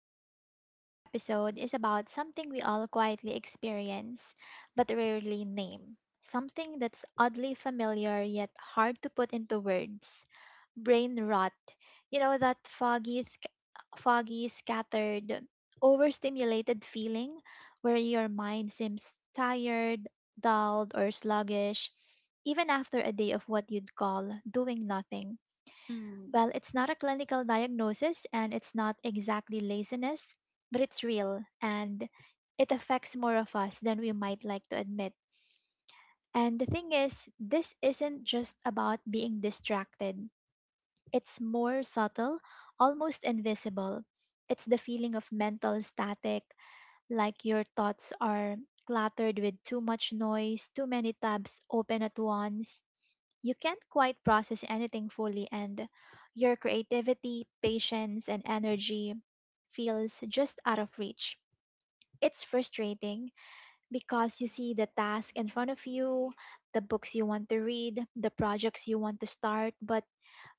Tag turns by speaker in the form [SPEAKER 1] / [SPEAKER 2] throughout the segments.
[SPEAKER 1] podcast. Today's episode is about something we all quietly experience but rarely name. Something that's oddly familiar yet hard to put into words. Brain rot. You know that foggy, scattered, overstimulated feeling where your mind seems tired, dulled, or sluggish even after a day of what you'd call doing nothing.
[SPEAKER 2] Mm.
[SPEAKER 1] Well, it's not a clinical diagnosis and it's not exactly laziness, but it's real and it affects more of us than we might like to admit. And the thing is, this isn't just about being distracted, it's more subtle, almost invisible. It's the feeling of mental static, like your thoughts are cluttered with too much noise, too many tabs open at once, you can't quite process anything fully, and your creativity, patience, and energy feels just out of reach. It's frustrating because you see the task in front of you, the books you want to read, the projects you want to start, but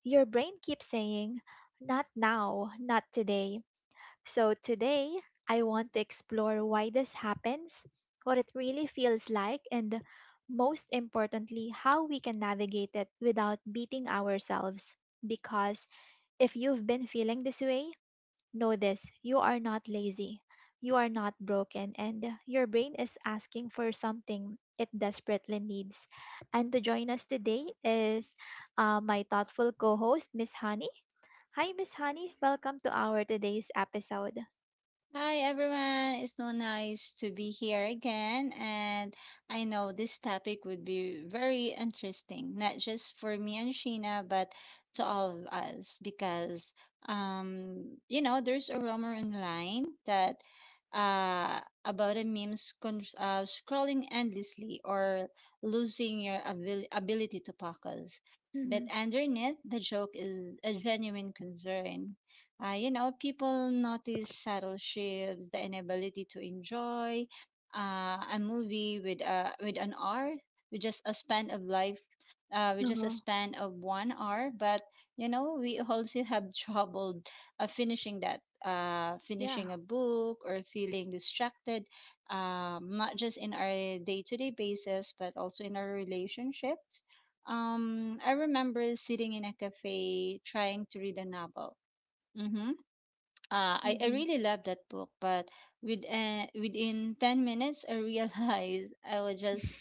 [SPEAKER 1] your brain keeps saying, not now, not today. So today, I want to explore why this happens, what it really feels like, and, most importantly, how we can navigate it without beating ourselves. Because if you've been feeling this way, know this: you are not lazy, you are not broken, and your brain is asking for something it desperately needs. And to join us today is my thoughtful co host, Miss Honey. Hi, Miss Honey. Welcome to our today's episode.
[SPEAKER 2] Hi everyone, it's so nice to be here again. And I know this topic would be very interesting, not just for me and Sheena, but to all of us, because there's a rumor online that uh about a scrolling endlessly or losing your ability to focus. But underneath, the joke is a genuine concern. People notice subtle shifts, the inability to enjoy a movie with an hour, with just a span of life, with just a
[SPEAKER 1] Uh-huh.
[SPEAKER 2] span of 1 hour. But we also have trouble
[SPEAKER 1] Yeah.
[SPEAKER 2] finishing a book or feeling distracted, not just in our day to day basis, but also in our relationships. I remember sitting in a cafe trying to read a novel. Mm-hmm. I
[SPEAKER 1] Hmm.
[SPEAKER 2] really love that book, but within 10 minutes, I realized I was just,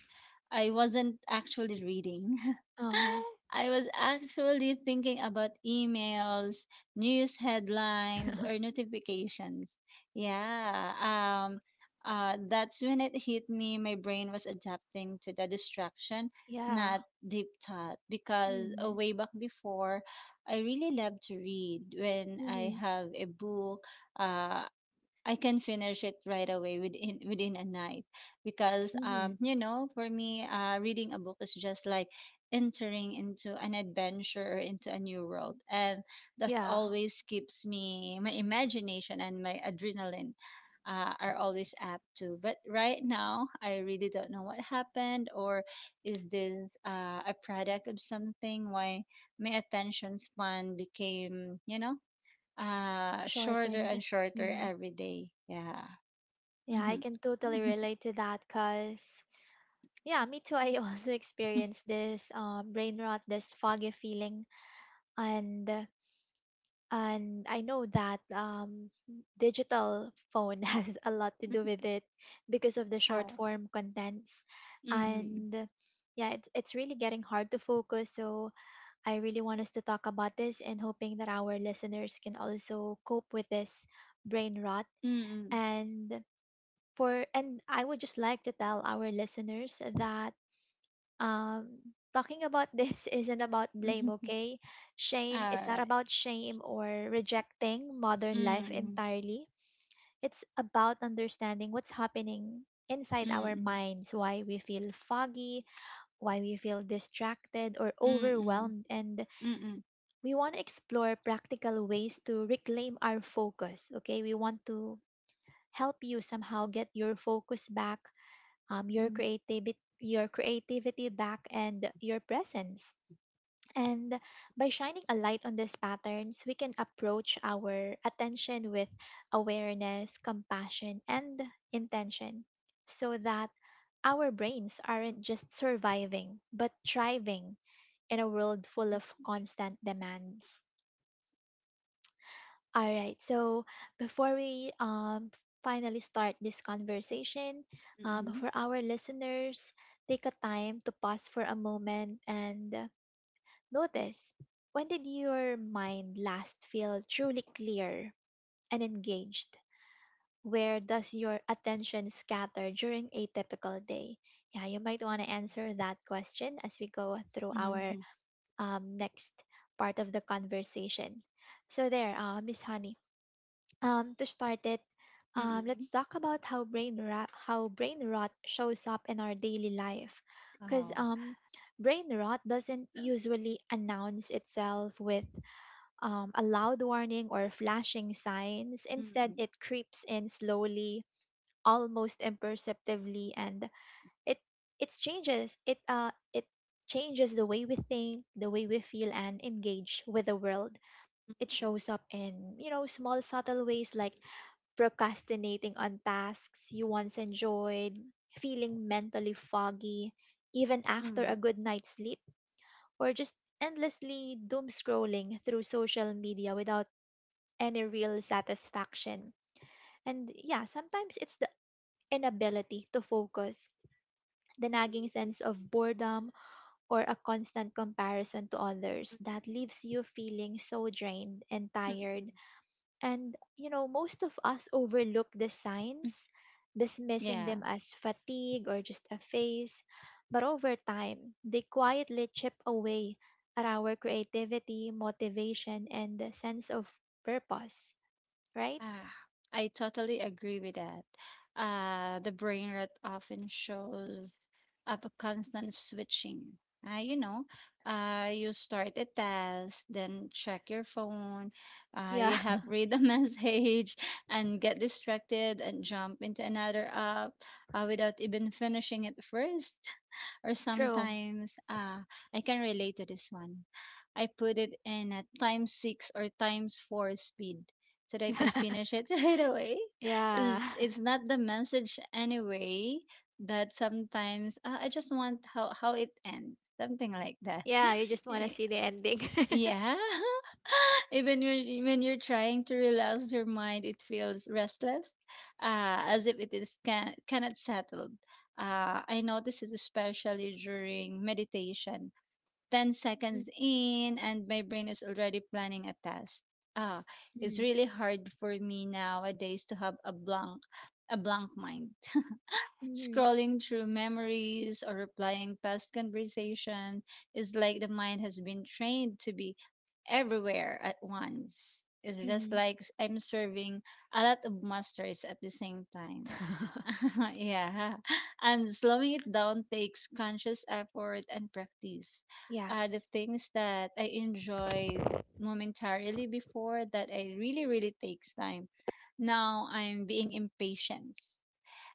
[SPEAKER 2] I wasn't actually reading.
[SPEAKER 1] Uh-huh.
[SPEAKER 2] I was actually thinking about emails, news headlines, or notifications. Yeah. That's when it hit me. My brain was adapting to the distraction,
[SPEAKER 1] Yeah.
[SPEAKER 2] not deep thought, because
[SPEAKER 1] Mm-hmm.
[SPEAKER 2] way back before, I really love to read when I
[SPEAKER 1] Mm-hmm.
[SPEAKER 2] have a book. Uh, I can finish it right away within a night, because
[SPEAKER 1] Mm-hmm.
[SPEAKER 2] for me reading a book is just like entering into an adventure or into a new world, and that's
[SPEAKER 1] Yeah.
[SPEAKER 2] always keeps me my imagination and my adrenaline are always up to. But right now I really don't know what happened, or is this a product of something, why my attention span became shorter
[SPEAKER 1] Shortened.
[SPEAKER 2] and shorter
[SPEAKER 1] Mm-hmm.
[SPEAKER 2] every day. Yeah.
[SPEAKER 1] Yeah, I
[SPEAKER 2] Mm-hmm.
[SPEAKER 1] can totally relate to that because, yeah, me too. I also experienced this brain rot, this foggy feeling. And I know that digital phone has a lot to do with it because of the short
[SPEAKER 2] Oh.
[SPEAKER 1] form contents.
[SPEAKER 2] Mm-hmm.
[SPEAKER 1] And yeah, it's really getting hard to focus. So I really want us to talk about this and hoping that our listeners can also cope with this brain rot.
[SPEAKER 2] Mm-hmm.
[SPEAKER 1] And for and I would just like to tell our listeners that um talking about this isn't about blame,
[SPEAKER 2] Mm-hmm.
[SPEAKER 1] okay?
[SPEAKER 2] All
[SPEAKER 1] Shame, it's not
[SPEAKER 2] right.
[SPEAKER 1] about shame or rejecting modern life
[SPEAKER 2] Mm-hmm.
[SPEAKER 1] entirely. It's about understanding what's happening inside our
[SPEAKER 2] Mm-hmm.
[SPEAKER 1] minds, why we feel foggy, why we feel distracted or
[SPEAKER 2] Mm-hmm.
[SPEAKER 1] overwhelmed, and
[SPEAKER 2] Mm-hmm.
[SPEAKER 1] we want to explore practical ways to reclaim our focus. Okay, we want to help you somehow get your focus back, your creativity back, and your presence. And by shining a light on these patterns, we can approach our attention with awareness, compassion, and intention so that our brains aren't just surviving, but thriving in a world full of constant demands. All right. So before we finally start this conversation,
[SPEAKER 2] Mm-hmm.
[SPEAKER 1] for our listeners, take a time to pause for a moment and notice, when did your mind last feel truly clear and engaged? Where does your attention scatter during a typical day? Yeah, you might want to answer that question as we go through our
[SPEAKER 2] Mm-hmm.
[SPEAKER 1] next part of the conversation. So there, Miss Honey. To start it,
[SPEAKER 2] Mm-hmm.
[SPEAKER 1] let's talk about how brain rot shows up in our daily life. Because
[SPEAKER 2] Oh.
[SPEAKER 1] brain rot doesn't usually announce itself with a loud warning or flashing signs. Instead,
[SPEAKER 2] Mm-hmm.
[SPEAKER 1] it creeps in slowly, almost imperceptibly, and it it changes the way we think, the way we feel, and engage with the world. It shows up in, you know, small, subtle ways, like procrastinating on tasks you once enjoyed, feeling mentally foggy even after
[SPEAKER 2] Mm-hmm.
[SPEAKER 1] a good night's sleep, or just endlessly doom scrolling through social media without any real satisfaction. And yeah, sometimes it's the inability to focus, the nagging sense of boredom, or a constant comparison to others that leaves you feeling so drained and tired.
[SPEAKER 2] Mm-hmm.
[SPEAKER 1] And, you know, most of us overlook the signs, dismissing
[SPEAKER 2] Yeah.
[SPEAKER 1] them as fatigue or just a phase. But over time, they quietly chip away at our creativity, motivation, and the sense of purpose, right?
[SPEAKER 2] Ah, I totally agree with that. The brain rot often shows up a constant switching. Uh, you know, you start a task, then check your phone, you
[SPEAKER 1] Yeah,
[SPEAKER 2] have read a message and get distracted and jump into another app without even finishing it first. Or
[SPEAKER 1] true.
[SPEAKER 2] sometimes I can relate to this one. I put it in a times six or times four speed so that I could finish it right away.
[SPEAKER 1] Yeah.
[SPEAKER 2] It's not the message anyway, that sometimes I just want how it ends, something like that.
[SPEAKER 1] Yeah, you just want to
[SPEAKER 2] Eh,
[SPEAKER 1] see the ending.
[SPEAKER 2] yeah. Even when you're trying to relax your mind, it feels restless, as if it is cannot settled. I know this is especially during meditation, 10 seconds in and my brain is already planning a test. Ah, it's
[SPEAKER 1] Mm-hmm.
[SPEAKER 2] really hard for me nowadays to have a blank mind.
[SPEAKER 1] Mm-hmm.
[SPEAKER 2] Scrolling through memories or replying past conversation is like the mind has been trained to be everywhere at once. It's just
[SPEAKER 1] Mm-hmm.
[SPEAKER 2] like I'm serving a lot of masters at the same time. Yeah. And slowing it down takes conscious effort and practice. The
[SPEAKER 1] Yes.
[SPEAKER 2] things that I enjoyed momentarily before that I really, really takes time. Now I'm being impatient.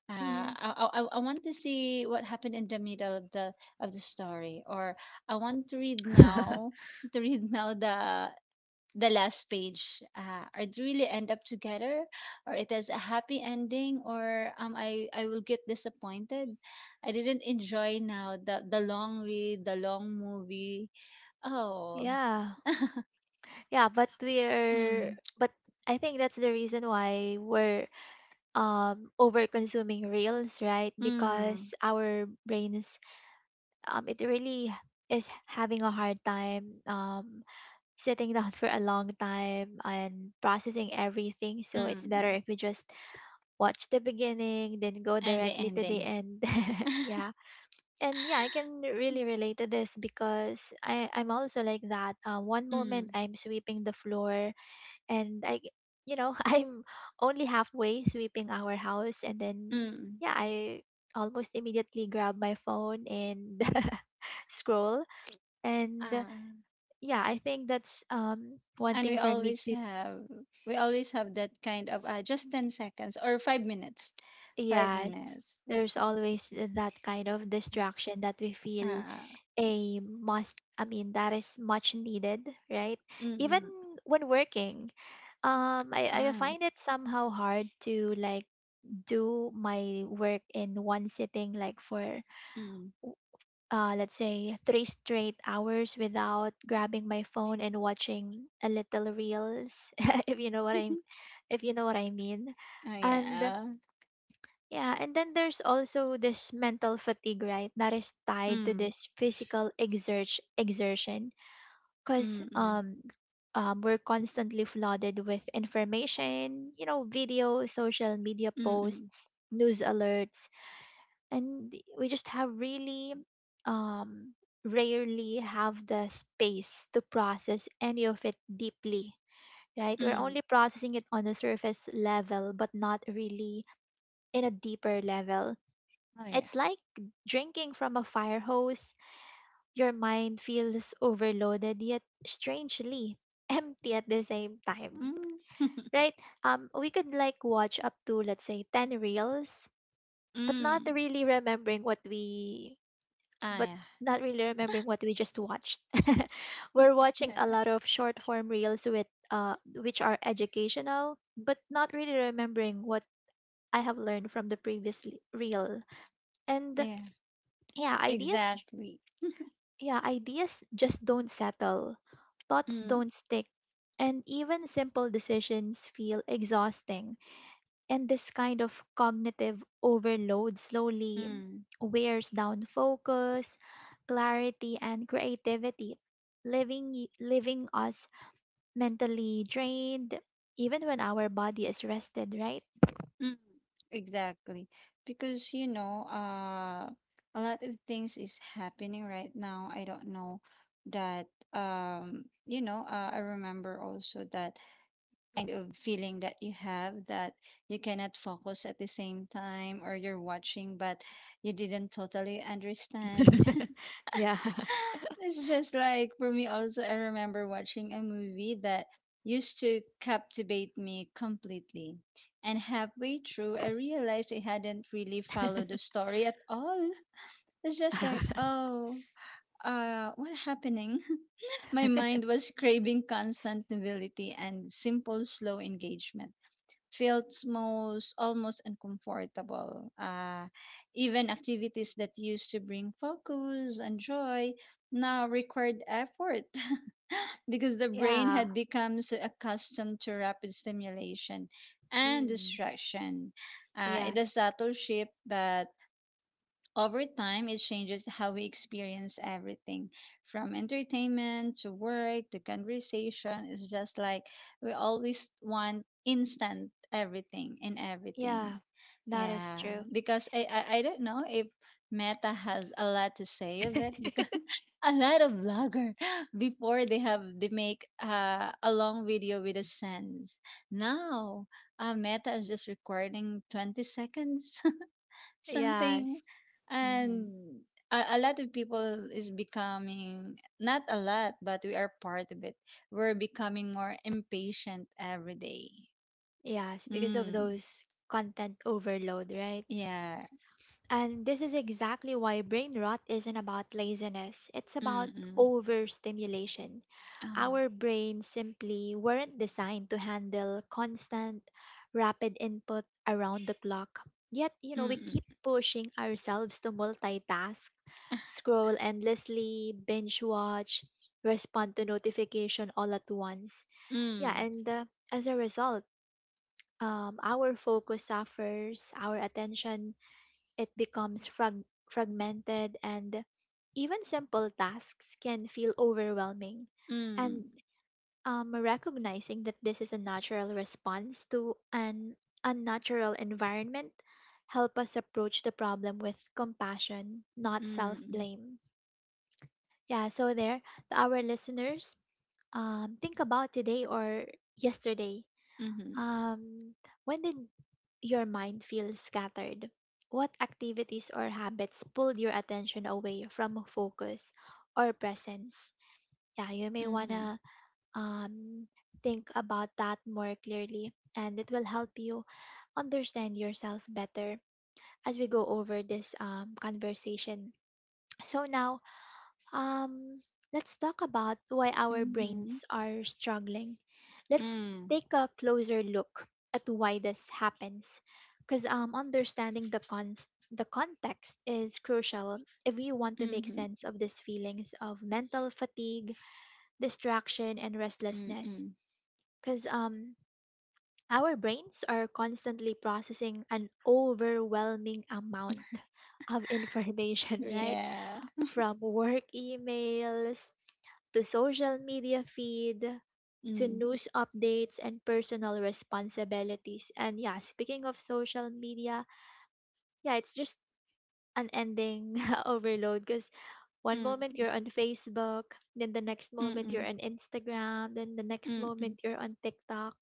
[SPEAKER 2] Uh,
[SPEAKER 1] Mm-hmm.
[SPEAKER 2] I, I, I I want to see what happened in the middle of the story, or I want to read now, to read now the last page, or do really end up together, or it has a happy ending, or I will get disappointed. I didn't enjoy now the long read, the long movie. Oh.
[SPEAKER 1] Yeah. Yeah, but we're
[SPEAKER 2] Mm.
[SPEAKER 1] but I think that's the reason why we're over consuming reels, right?
[SPEAKER 2] Mm.
[SPEAKER 1] Because our brains it really is having a hard time sitting down for a long time and processing everything. So it's better
[SPEAKER 2] Mm.
[SPEAKER 1] if we just watch the beginning, then go
[SPEAKER 2] And the
[SPEAKER 1] directly to the
[SPEAKER 2] ending.
[SPEAKER 1] end. Yeah. And yeah, I can really relate to this because I'm also like that. One moment
[SPEAKER 2] Mm.
[SPEAKER 1] I'm sweeping the floor and you know, I'm only halfway sweeping our house, and then
[SPEAKER 2] Mm.
[SPEAKER 1] yeah, I almost immediately grab my phone and scroll. And
[SPEAKER 2] uh,
[SPEAKER 1] yeah, I think that's one
[SPEAKER 2] and we
[SPEAKER 1] thing for me
[SPEAKER 2] always
[SPEAKER 1] to
[SPEAKER 2] have we always have that kind of just 10 seconds or 5 minutes 5
[SPEAKER 1] yes.
[SPEAKER 2] minutes
[SPEAKER 1] There's always that kind of distraction that we feel
[SPEAKER 2] uh,
[SPEAKER 1] a must. I mean, that is much needed, right? Even
[SPEAKER 2] mm,
[SPEAKER 1] when working, I
[SPEAKER 2] mm,
[SPEAKER 1] find it somehow hard to like do my work in one sitting, like for
[SPEAKER 2] mm,
[SPEAKER 1] let's say three straight hours without grabbing my phone and watching a little reels, if you know what
[SPEAKER 2] mm.
[SPEAKER 1] I if you know what I mean.
[SPEAKER 2] Oh,
[SPEAKER 1] And
[SPEAKER 2] yeah.
[SPEAKER 1] yeah, and then there's also this mental fatigue, right? That is tied to
[SPEAKER 2] Mm,
[SPEAKER 1] this physical exertion, because
[SPEAKER 2] mm-mm,
[SPEAKER 1] we're constantly flooded with information, you know, video, social media
[SPEAKER 2] mm-mm, mm.
[SPEAKER 1] posts, news alerts, and we just have really um rarely have the space to process any of it deeply. Right, we're
[SPEAKER 2] Mm. Mm.
[SPEAKER 1] only processing it on a surface level but not really in a deeper level.
[SPEAKER 2] Oh, yeah.
[SPEAKER 1] It's like drinking from a fire hose. Your mind feels overloaded yet strangely empty at the same time,
[SPEAKER 2] Mm.
[SPEAKER 1] right? We could like watch up to, let's say, 10 reels but not
[SPEAKER 2] Mm.
[SPEAKER 1] really remembering what we
[SPEAKER 2] Ah,
[SPEAKER 1] but
[SPEAKER 2] yeah.
[SPEAKER 1] not really remembering what we just watched. We're watching a
[SPEAKER 2] Yeah,
[SPEAKER 1] lot of short form reels with which are educational, but not really remembering what I have learned from the previous reel. And
[SPEAKER 2] yeah,
[SPEAKER 1] yeah, ideas j-
[SPEAKER 2] exactly.
[SPEAKER 1] yeah, ideas just don't settle. Thoughts
[SPEAKER 2] Mm,
[SPEAKER 1] don't stick. And even simple decisions feel exhausting. And this kind of cognitive overload slowly
[SPEAKER 2] mm,
[SPEAKER 1] wears down focus, clarity, and creativity, leaving us mentally drained, even when our body is rested, right?
[SPEAKER 2] mm. Exactly. Because a lot of things is happening right now. I don't know that. I remember also that kind of feeling that you have, that you cannot focus at the same time, or you're watching but you didn't totally understand. It's just like, for me also, I remember watching a movie that used to captivate me completely, and halfway through I realized I hadn't really followed the story at all. It's just like, oh, what happening. My mind was craving constant novelty, and simple slow engagement felt most almost uncomfortable. Even activities that used to bring focus and joy now required effort because the brain
[SPEAKER 1] Yeah.
[SPEAKER 2] had become so accustomed to rapid stimulation and
[SPEAKER 1] Mm.
[SPEAKER 2] distraction. It's a
[SPEAKER 1] Yes.
[SPEAKER 2] subtle shift, but over time, it changes how we experience everything, from entertainment to work to conversation. It's just like we always want instant everything in everything.
[SPEAKER 1] Yeah, that is
[SPEAKER 2] Yeah,
[SPEAKER 1] true.
[SPEAKER 2] because I don't know if Meta has a lot to say of it, because a lot of vlogger before they make a long video with a sense. Now, Meta is just recording 20 seconds something,
[SPEAKER 1] Yes. Hmm.
[SPEAKER 2] and a lot of people is becoming, not a lot, but we are part of it. We're becoming more impatient every day.
[SPEAKER 1] Yes, because of
[SPEAKER 2] Mm.
[SPEAKER 1] those content overload, right?
[SPEAKER 2] Yeah.
[SPEAKER 1] And this is exactly why brain rot isn't about laziness. It's about
[SPEAKER 2] Mm.
[SPEAKER 1] overstimulation.
[SPEAKER 2] Oh.
[SPEAKER 1] Our brains simply weren't designed to handle constant, rapid input around the clock. Yet, you know, we
[SPEAKER 2] Mm-mm.
[SPEAKER 1] keep pushing ourselves to multitask, scroll endlessly, binge watch, respond to notification all at once. Yeah,
[SPEAKER 2] Mm.
[SPEAKER 1] and as a result, our focus suffers, our attention, it becomes fragmented, and even simple tasks can feel overwhelming.
[SPEAKER 2] Mm.
[SPEAKER 1] And recognizing that this is a natural response to an unnatural environment help us approach the problem with compassion, not
[SPEAKER 2] Mm.
[SPEAKER 1] self-blame. Yeah, so there, to our listeners, think about today or yesterday,
[SPEAKER 2] Mm.
[SPEAKER 1] um, when did your mind feel scattered? What activities or habits pulled your attention away from focus or presence? Yeah, you may
[SPEAKER 2] Mhm.
[SPEAKER 1] wanna um, think about that more clearly, and it will help you understand yourself better as we go over this conversation. So, now, um, let's talk about why our
[SPEAKER 2] Mhm.
[SPEAKER 1] brains are struggling. Let's
[SPEAKER 2] Mhm.
[SPEAKER 1] take a closer look at why this happens, because understanding the context is crucial if we want to
[SPEAKER 2] Mm.
[SPEAKER 1] make
[SPEAKER 2] Mhm.
[SPEAKER 1] sense of these feelings of mental fatigue, distraction, and restlessness,
[SPEAKER 2] Mm.
[SPEAKER 1] because our brains are constantly processing an overwhelming amount of information, right?
[SPEAKER 2] Yeah.
[SPEAKER 1] From work emails to social media feed to
[SPEAKER 2] Mm.
[SPEAKER 1] news updates and personal responsibilities. And yeah, speaking of social media, yeah, it's just an ending overload, because one moment
[SPEAKER 2] Mm.
[SPEAKER 1] you're on Facebook, then the next moment you're
[SPEAKER 2] Mm.
[SPEAKER 1] on Instagram, then the next
[SPEAKER 2] Mm. Mm.
[SPEAKER 1] moment you're on TikTok.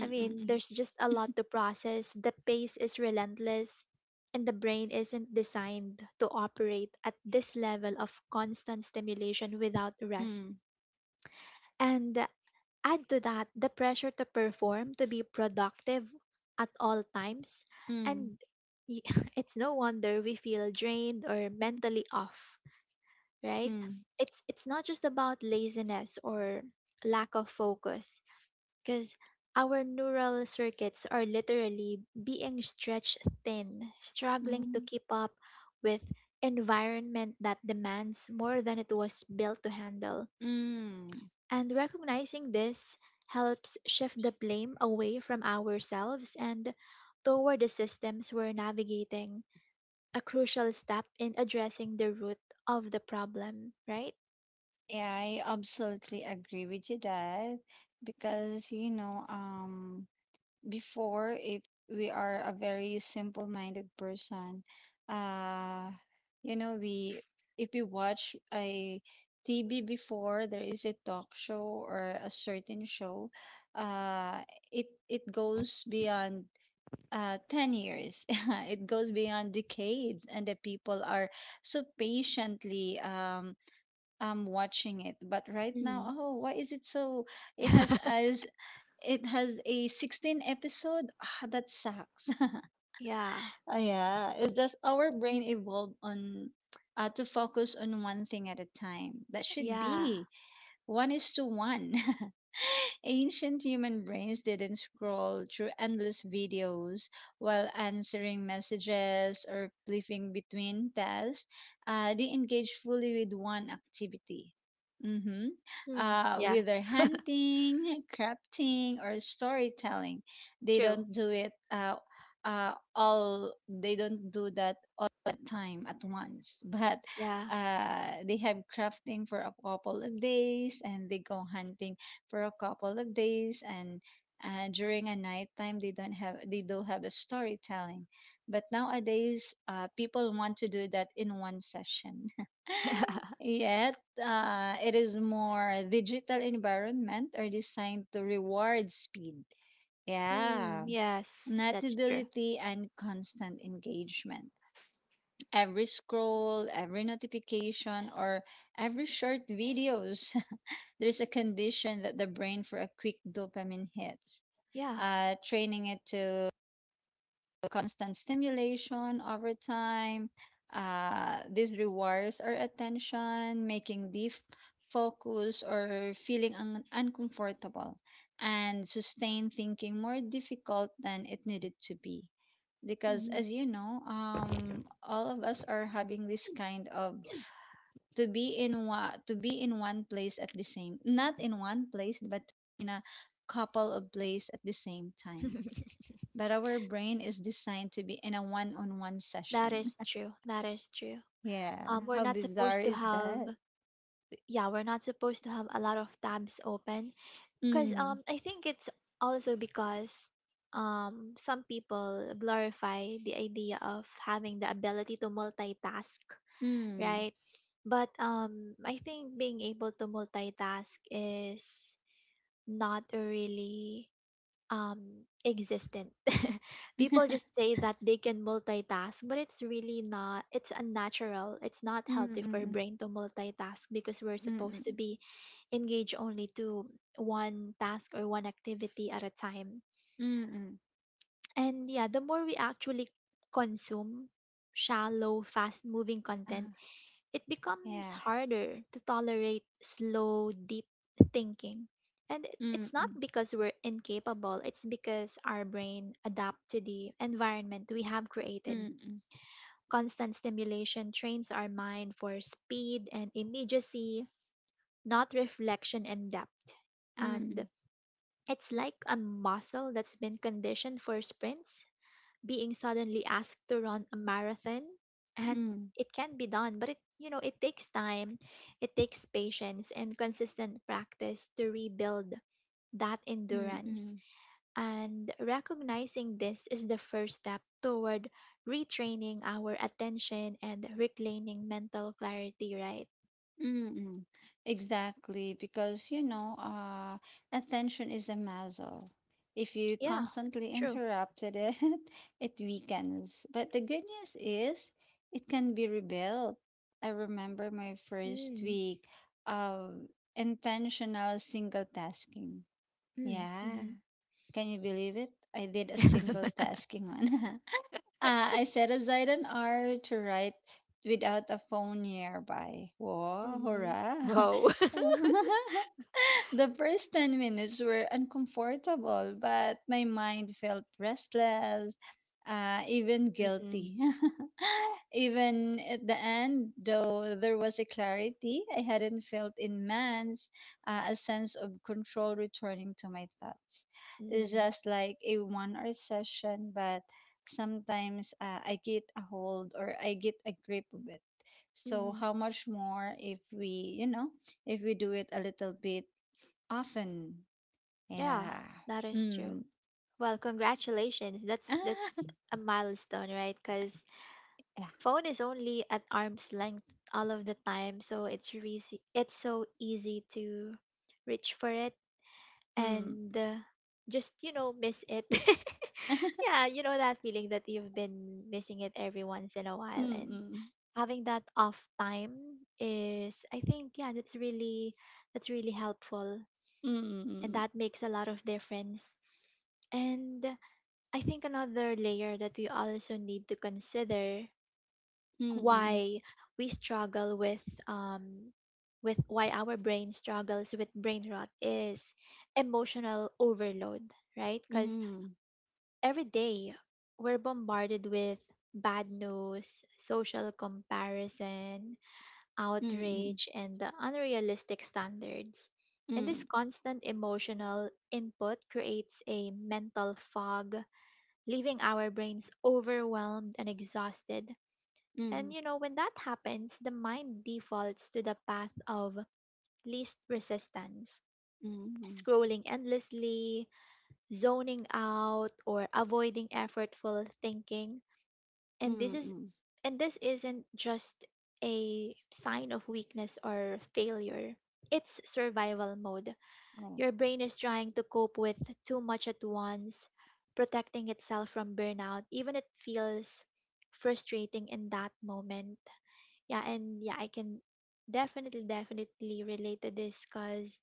[SPEAKER 1] I
[SPEAKER 2] Mm.
[SPEAKER 1] mean, there's just a lot
[SPEAKER 2] Mm.
[SPEAKER 1] to process. The pace is relentless, and the brain isn't designed to operate at this level of constant stimulation without rest.
[SPEAKER 2] Mm.
[SPEAKER 1] And add to that the pressure to perform, to be productive at all times.
[SPEAKER 2] Mm.
[SPEAKER 1] And y- it's no wonder we feel drained or mentally off, right?
[SPEAKER 2] Mm.
[SPEAKER 1] It's not just about laziness or lack of focus, because our neural circuits are literally being stretched thin, struggling to
[SPEAKER 2] Mm.
[SPEAKER 1] keep up with environment that demands more than it was built to handle.
[SPEAKER 2] Mm.
[SPEAKER 1] And recognizing this helps shift the blame away from ourselves and toward the systems we're navigating, a crucial step in addressing the root of the problem, right?
[SPEAKER 2] Yeah, I absolutely agree with you that, because you know, before, if we are a very simple-minded person, uh, you know, we, if we watch a TV before, there is a talk show or a certain show, uh, it goes beyond 10 years. It goes beyond decades, and the people are so patiently I'm watching it. But right now, oh, why is it so? It has as it has a 16 episode. Ah, that sucks.
[SPEAKER 1] Yeah,
[SPEAKER 2] Ah, yeah, it's just our brain evolved on to focus on one thing at a time. That should
[SPEAKER 1] yeah.
[SPEAKER 2] be one is to one. Ancient human brains didn't scroll through endless videos while answering messages or flipping between tasks. They engaged fully with one activity. Mm-hmm.
[SPEAKER 1] Mm,
[SPEAKER 2] Uh,
[SPEAKER 1] yeah,
[SPEAKER 2] whether hunting, crafting, or storytelling, they
[SPEAKER 1] true.
[SPEAKER 2] don't do it all. They don't do that all the time at once, but
[SPEAKER 1] Yeah.
[SPEAKER 2] they have crafting for a couple of days, and they go hunting for a couple of days, and during a nighttime they don't have, they do have a storytelling. But nowadays people want to do that in one session yet. It is more digital environment are designed to reward speed,
[SPEAKER 1] Mm,
[SPEAKER 2] yeah,
[SPEAKER 1] yes, that's true.
[SPEAKER 2] notability and constant engagement. Every scroll, every notification, or every short videos, there's a condition that the brain for a quick dopamine hit,
[SPEAKER 1] Yeah.
[SPEAKER 2] training it to constant stimulation over time. This rewires our attention, making deep focus or feeling uncomfortable and sustained thinking more difficult than it needed to be. Because,
[SPEAKER 1] Hmm.
[SPEAKER 2] as you know, all of us are having this kind of to be in one place at the same, not in one place, but in a couple of places at the same time, but our brain is designed to be in a one-on-one
[SPEAKER 1] That
[SPEAKER 2] session.
[SPEAKER 1] is true. That is true.
[SPEAKER 2] Yeah,
[SPEAKER 1] We're
[SPEAKER 2] how
[SPEAKER 1] not
[SPEAKER 2] bizarre
[SPEAKER 1] supposed to
[SPEAKER 2] is
[SPEAKER 1] have,
[SPEAKER 2] that?
[SPEAKER 1] Yeah, we're not supposed to have a lot of tabs open because
[SPEAKER 2] Mm.
[SPEAKER 1] I think it's also because some people glorify the idea of having the ability to multitask,
[SPEAKER 2] Mm.
[SPEAKER 1] right? But I think being able to multitask is not a really existent. People just say that they can multitask, but it's really not. It's unnatural. It's not healthy for
[SPEAKER 2] Mm-mm.
[SPEAKER 1] brain to multitask because we're supposed to
[SPEAKER 2] Mm-mm.
[SPEAKER 1] be engaged only to one task or one activity at a time.
[SPEAKER 2] Mm-mm.
[SPEAKER 1] And yeah, the more we actually consume shallow fast moving content,
[SPEAKER 2] Ah,
[SPEAKER 1] it becomes
[SPEAKER 2] yeah.
[SPEAKER 1] harder to tolerate slow, deep thinking. And it's not
[SPEAKER 2] Mm-mm.
[SPEAKER 1] because we're incapable, it's because our brain adapts to the environment we have created.
[SPEAKER 2] Mm-mm.
[SPEAKER 1] Constant stimulation trains our mind for speed and immediacy, not reflection and depth.
[SPEAKER 2] Mm-mm. Mm-mm.
[SPEAKER 1] And it's like a muscle that's been conditioned for sprints being suddenly asked to run a marathon,
[SPEAKER 2] Mm. Mm.
[SPEAKER 1] and
[SPEAKER 2] Mm.
[SPEAKER 1] it can be done, but it it takes time. It takes patience and consistent practice to rebuild that
[SPEAKER 2] Mm.
[SPEAKER 1] endurance.
[SPEAKER 2] Mm.
[SPEAKER 1] And recognizing this is the first step toward retraining our attention and reclaiming mental clarity, right?
[SPEAKER 2] Mm-mm. Exactly, because you know, attention is a muscle. If you
[SPEAKER 1] Yeah,
[SPEAKER 2] constantly
[SPEAKER 1] true.
[SPEAKER 2] interrupted it, it weakens. But the good news is it can be rebuilt. I remember my first
[SPEAKER 1] Mm,
[SPEAKER 2] week of intentional single tasking.
[SPEAKER 1] mm,
[SPEAKER 2] Yeah.
[SPEAKER 1] mm-hmm,
[SPEAKER 2] Can you believe it? I did a single tasking one. Ah, I set aside an hour to write without a phone nearby. Whoa,
[SPEAKER 1] mm-hmm.
[SPEAKER 2] hurrah!
[SPEAKER 1] Wow.
[SPEAKER 2] The first 10 minutes were uncomfortable, but my mind felt restless, even guilty.
[SPEAKER 1] Mm-mm.
[SPEAKER 2] Even at the end, though, there was a clarity I hadn't felt in months, a sense of control returning to my thoughts. It's
[SPEAKER 1] Mm.
[SPEAKER 2] just like a 1 hour session, but sometimes I get a hold, or I get a grip of it. So,
[SPEAKER 1] Mm-hmm.
[SPEAKER 2] how much more if we do it a little bit. Often.
[SPEAKER 1] Yeah,
[SPEAKER 2] Yeah.
[SPEAKER 1] that is true.
[SPEAKER 2] Mm.
[SPEAKER 1] Well, congratulations. That's
[SPEAKER 2] Ah,
[SPEAKER 1] that's a milestone, right? Because
[SPEAKER 2] yeah.
[SPEAKER 1] phone is only at arm's length all of the time, so it's easy. It's so easy to reach for it,
[SPEAKER 2] Mm.
[SPEAKER 1] and just miss it. Yeah, you know that feeling that you've been missing it every once in a while, and
[SPEAKER 2] Mm-mm.
[SPEAKER 1] having that off time is, I think, yeah, that's really helpful, and
[SPEAKER 2] Mm-mm.
[SPEAKER 1] that makes a lot of difference. And I think another layer that we also need to consider
[SPEAKER 2] Mm-mm.
[SPEAKER 1] why we struggle um with why our brain struggles with brain rot is emotional overload, right? Cuz
[SPEAKER 2] Mm-mm.
[SPEAKER 1] every day we're bombarded with bad news, social comparison,
[SPEAKER 2] Mm-mm.
[SPEAKER 1] outrage, and the unrealistic standards. And this
[SPEAKER 2] Mm-mm.
[SPEAKER 1] constant emotional input creates a mental fog, leaving our brains overwhelmed and exhausted. And
[SPEAKER 2] Mm-mm.
[SPEAKER 1] you know, when that happens, the mind defaults to the path of least resistance,
[SPEAKER 2] Mm-mm.
[SPEAKER 1] scrolling endlessly, zoning out, or avoiding effortful thinking. And this is
[SPEAKER 2] Mm-mm.
[SPEAKER 1] and this isn't just a sign of weakness or failure. It's survival mode.
[SPEAKER 2] Oh.
[SPEAKER 1] Your brain is trying to cope with too much at once, protecting itself from burnout, even it feels frustrating in that moment. Yeah, and yeah, I can definitely, definitely relate to this because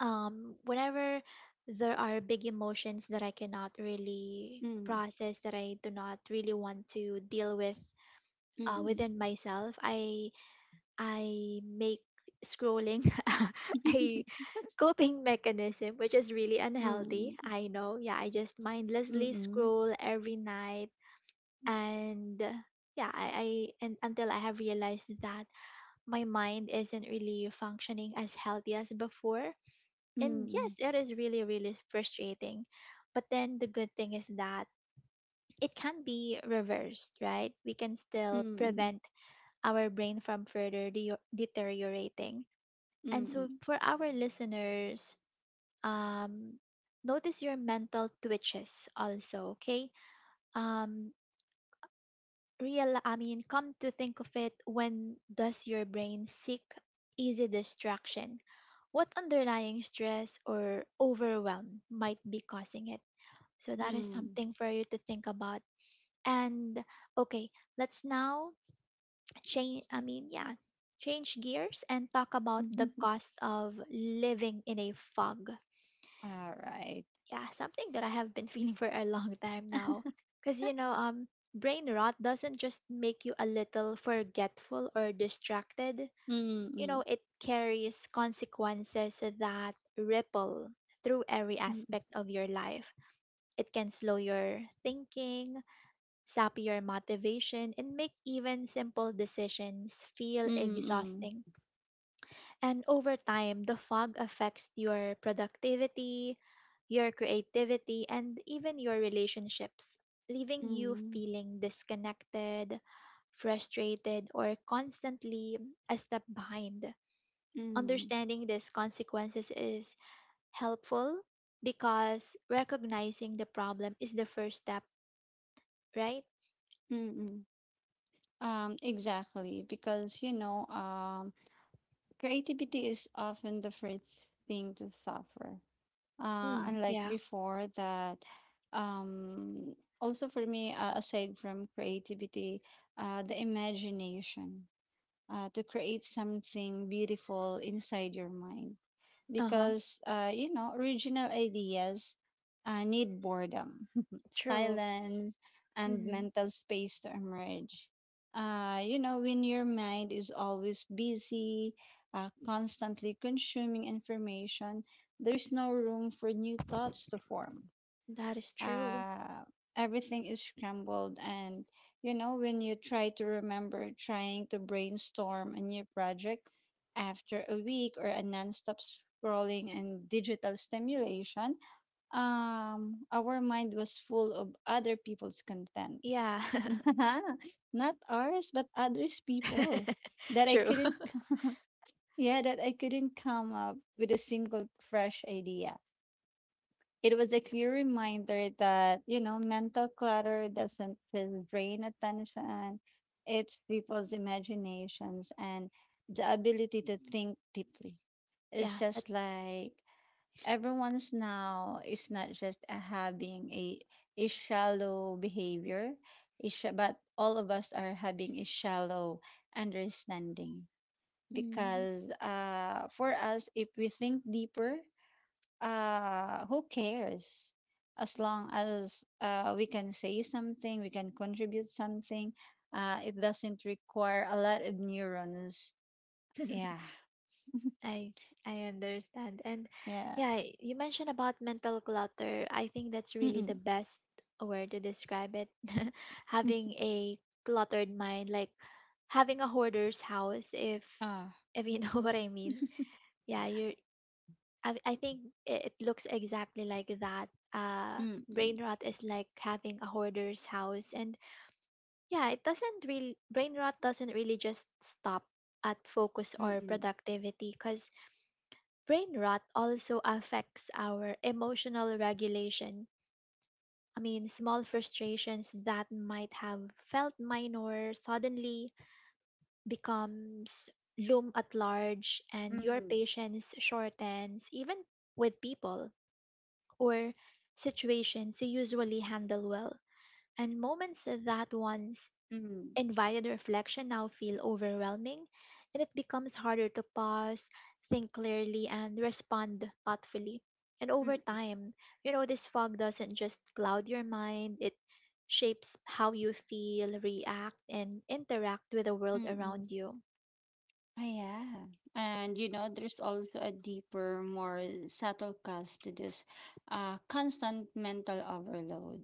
[SPEAKER 1] whenever there are big emotions that I cannot really
[SPEAKER 2] Mm.
[SPEAKER 1] process, that I do not really want to deal with
[SPEAKER 2] Mm.
[SPEAKER 1] within myself, I make scrolling. I coping mechanism, which is really unhealthy.
[SPEAKER 2] Mm.
[SPEAKER 1] I know. Yeah, I just mindlessly
[SPEAKER 2] Mm-mm.
[SPEAKER 1] scroll every night and yeah, I and until I have realized that my mind isn't really functioning as healthy as before. And
[SPEAKER 2] Mm.
[SPEAKER 1] yes, it is really, really frustrating. But then the good thing is that it can be reversed, right? We can still
[SPEAKER 2] Mm.
[SPEAKER 1] prevent our brain from further deteriorating. And so
[SPEAKER 2] Mm.
[SPEAKER 1] for our listeners, Um, notice your mental twitches also, okay? Um, I mean, come to think of it, when does your brain seek easy distraction? What underlying stress or overwhelm might be causing it? So that is
[SPEAKER 2] Mm.
[SPEAKER 1] something for you to think about. And okay, let's now I mean, yeah, change gears and talk about the cost of living in a fog.
[SPEAKER 2] All right.
[SPEAKER 1] Yeah, something that I have been feeling for a long time now. Because, you know, brain rot doesn't just make you a little forgetful or distracted. You
[SPEAKER 2] Mm-mm.
[SPEAKER 1] know, it carries consequences that ripple through every
[SPEAKER 2] Mm.
[SPEAKER 1] aspect of your life. It can slow your thinking, sap your motivation, and make even simple decisions feel
[SPEAKER 2] Mm-mm.
[SPEAKER 1] exhausting. And over time, the fog affects your productivity, your creativity, and even your relationships, leaving you
[SPEAKER 2] Mm.
[SPEAKER 1] feeling disconnected, frustrated, or constantly a step behind.
[SPEAKER 2] Mm.
[SPEAKER 1] Understanding these consequences is helpful because recognizing the problem is the first step, right?
[SPEAKER 2] Mm. Exactly, because you know, creativity is often the first thing to suffer. Uh,
[SPEAKER 1] Mm,
[SPEAKER 2] unlike
[SPEAKER 1] yeah.
[SPEAKER 2] before, that um, also for me, aside from creativity, the imagination to create something beautiful inside your mind,
[SPEAKER 1] Uh huh.
[SPEAKER 2] because original ideas need boredom,
[SPEAKER 1] True.
[SPEAKER 2] silence, and
[SPEAKER 1] Mm,
[SPEAKER 2] mental space to emerge. You know when your mind is always busy, constantly consuming information, there's no room for new thoughts to form.
[SPEAKER 1] that is true.
[SPEAKER 2] uh, Everything is scrambled, and you know, when you try to remember, trying to brainstorm a new project after a week or a non-stop scrolling and digital stimulation, our mind was full of other people's content,
[SPEAKER 1] Yeah.
[SPEAKER 2] not ours but others people that I
[SPEAKER 1] True.
[SPEAKER 2] couldn't c- yeah, that I couldn't come up with a single fresh idea. It was a clear reminder that, you know, mental clutter doesn't just drain attention, it people's imaginations and the ability to think deeply. It's
[SPEAKER 1] Yeah, that,
[SPEAKER 2] just like everyone's now is not just a having a shallow behavior, but all of us are having a shallow understanding,
[SPEAKER 1] mm,
[SPEAKER 2] because for us, if we think deeper, who cares? As long as we can say something, we can contribute something. It doesn't require a lot of neurons. Yeah.
[SPEAKER 1] I I understand. And
[SPEAKER 2] Yeah.
[SPEAKER 1] yeah, you mentioned about mental clutter. I think that's really
[SPEAKER 2] Mm-mm.
[SPEAKER 1] the best word to describe it.
[SPEAKER 2] Mm.
[SPEAKER 1] Having a cluttered mind, like having a hoarder's house, if
[SPEAKER 2] Ah.
[SPEAKER 1] if you know what I mean. Yeah, you're I think it looks exactly like that. Uh,
[SPEAKER 2] Mm-mm.
[SPEAKER 1] brain rot is like having a hoarder's house, and yeah, it doesn't really brain rot doesn't really just stop at focus or
[SPEAKER 2] Mm-mm.
[SPEAKER 1] productivity because brain rot also affects our emotional regulation. I mean, small frustrations that might have felt minor suddenly becomes loom at large, and your
[SPEAKER 2] Mm-mm.
[SPEAKER 1] patience shortens even with people or situations you usually handle well. And moments that once
[SPEAKER 2] Mm-mm.
[SPEAKER 1] invited reflection now feel overwhelming, and it becomes harder to pause, think clearly, and respond thoughtfully. And over
[SPEAKER 2] Mm-mm.
[SPEAKER 1] time, you know, this fog doesn't just cloud your mind, it shapes how you feel, react, and interact with the world
[SPEAKER 2] Mm-mm.
[SPEAKER 1] around you.
[SPEAKER 2] Ah, yeah. And you know, there's also a deeper, more subtle cause to this constant mental overload.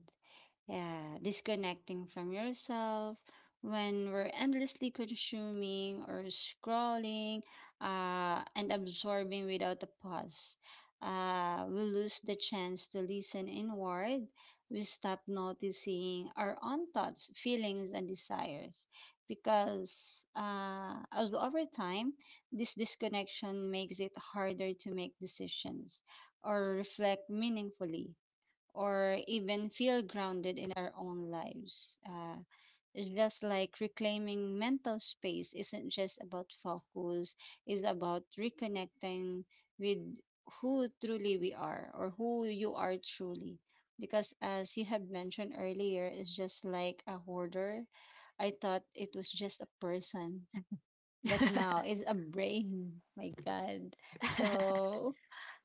[SPEAKER 2] Yeah, disconnecting from yourself when we're endlessly consuming or scrolling and absorbing without a pause. We lose the chance to listen inward. We stop noticing our own thoughts, feelings, and desires, because as over time, this disconnection makes it harder to make decisions or reflect meaningfully or even feel grounded in our own lives. It's just like reclaiming mental space isn't just about focus, it's about reconnecting with who truly we are, or who you are truly. Because as you have mentioned earlier, it's just like a hoarder. I thought it was just a person, but now it's a brain. My God. So,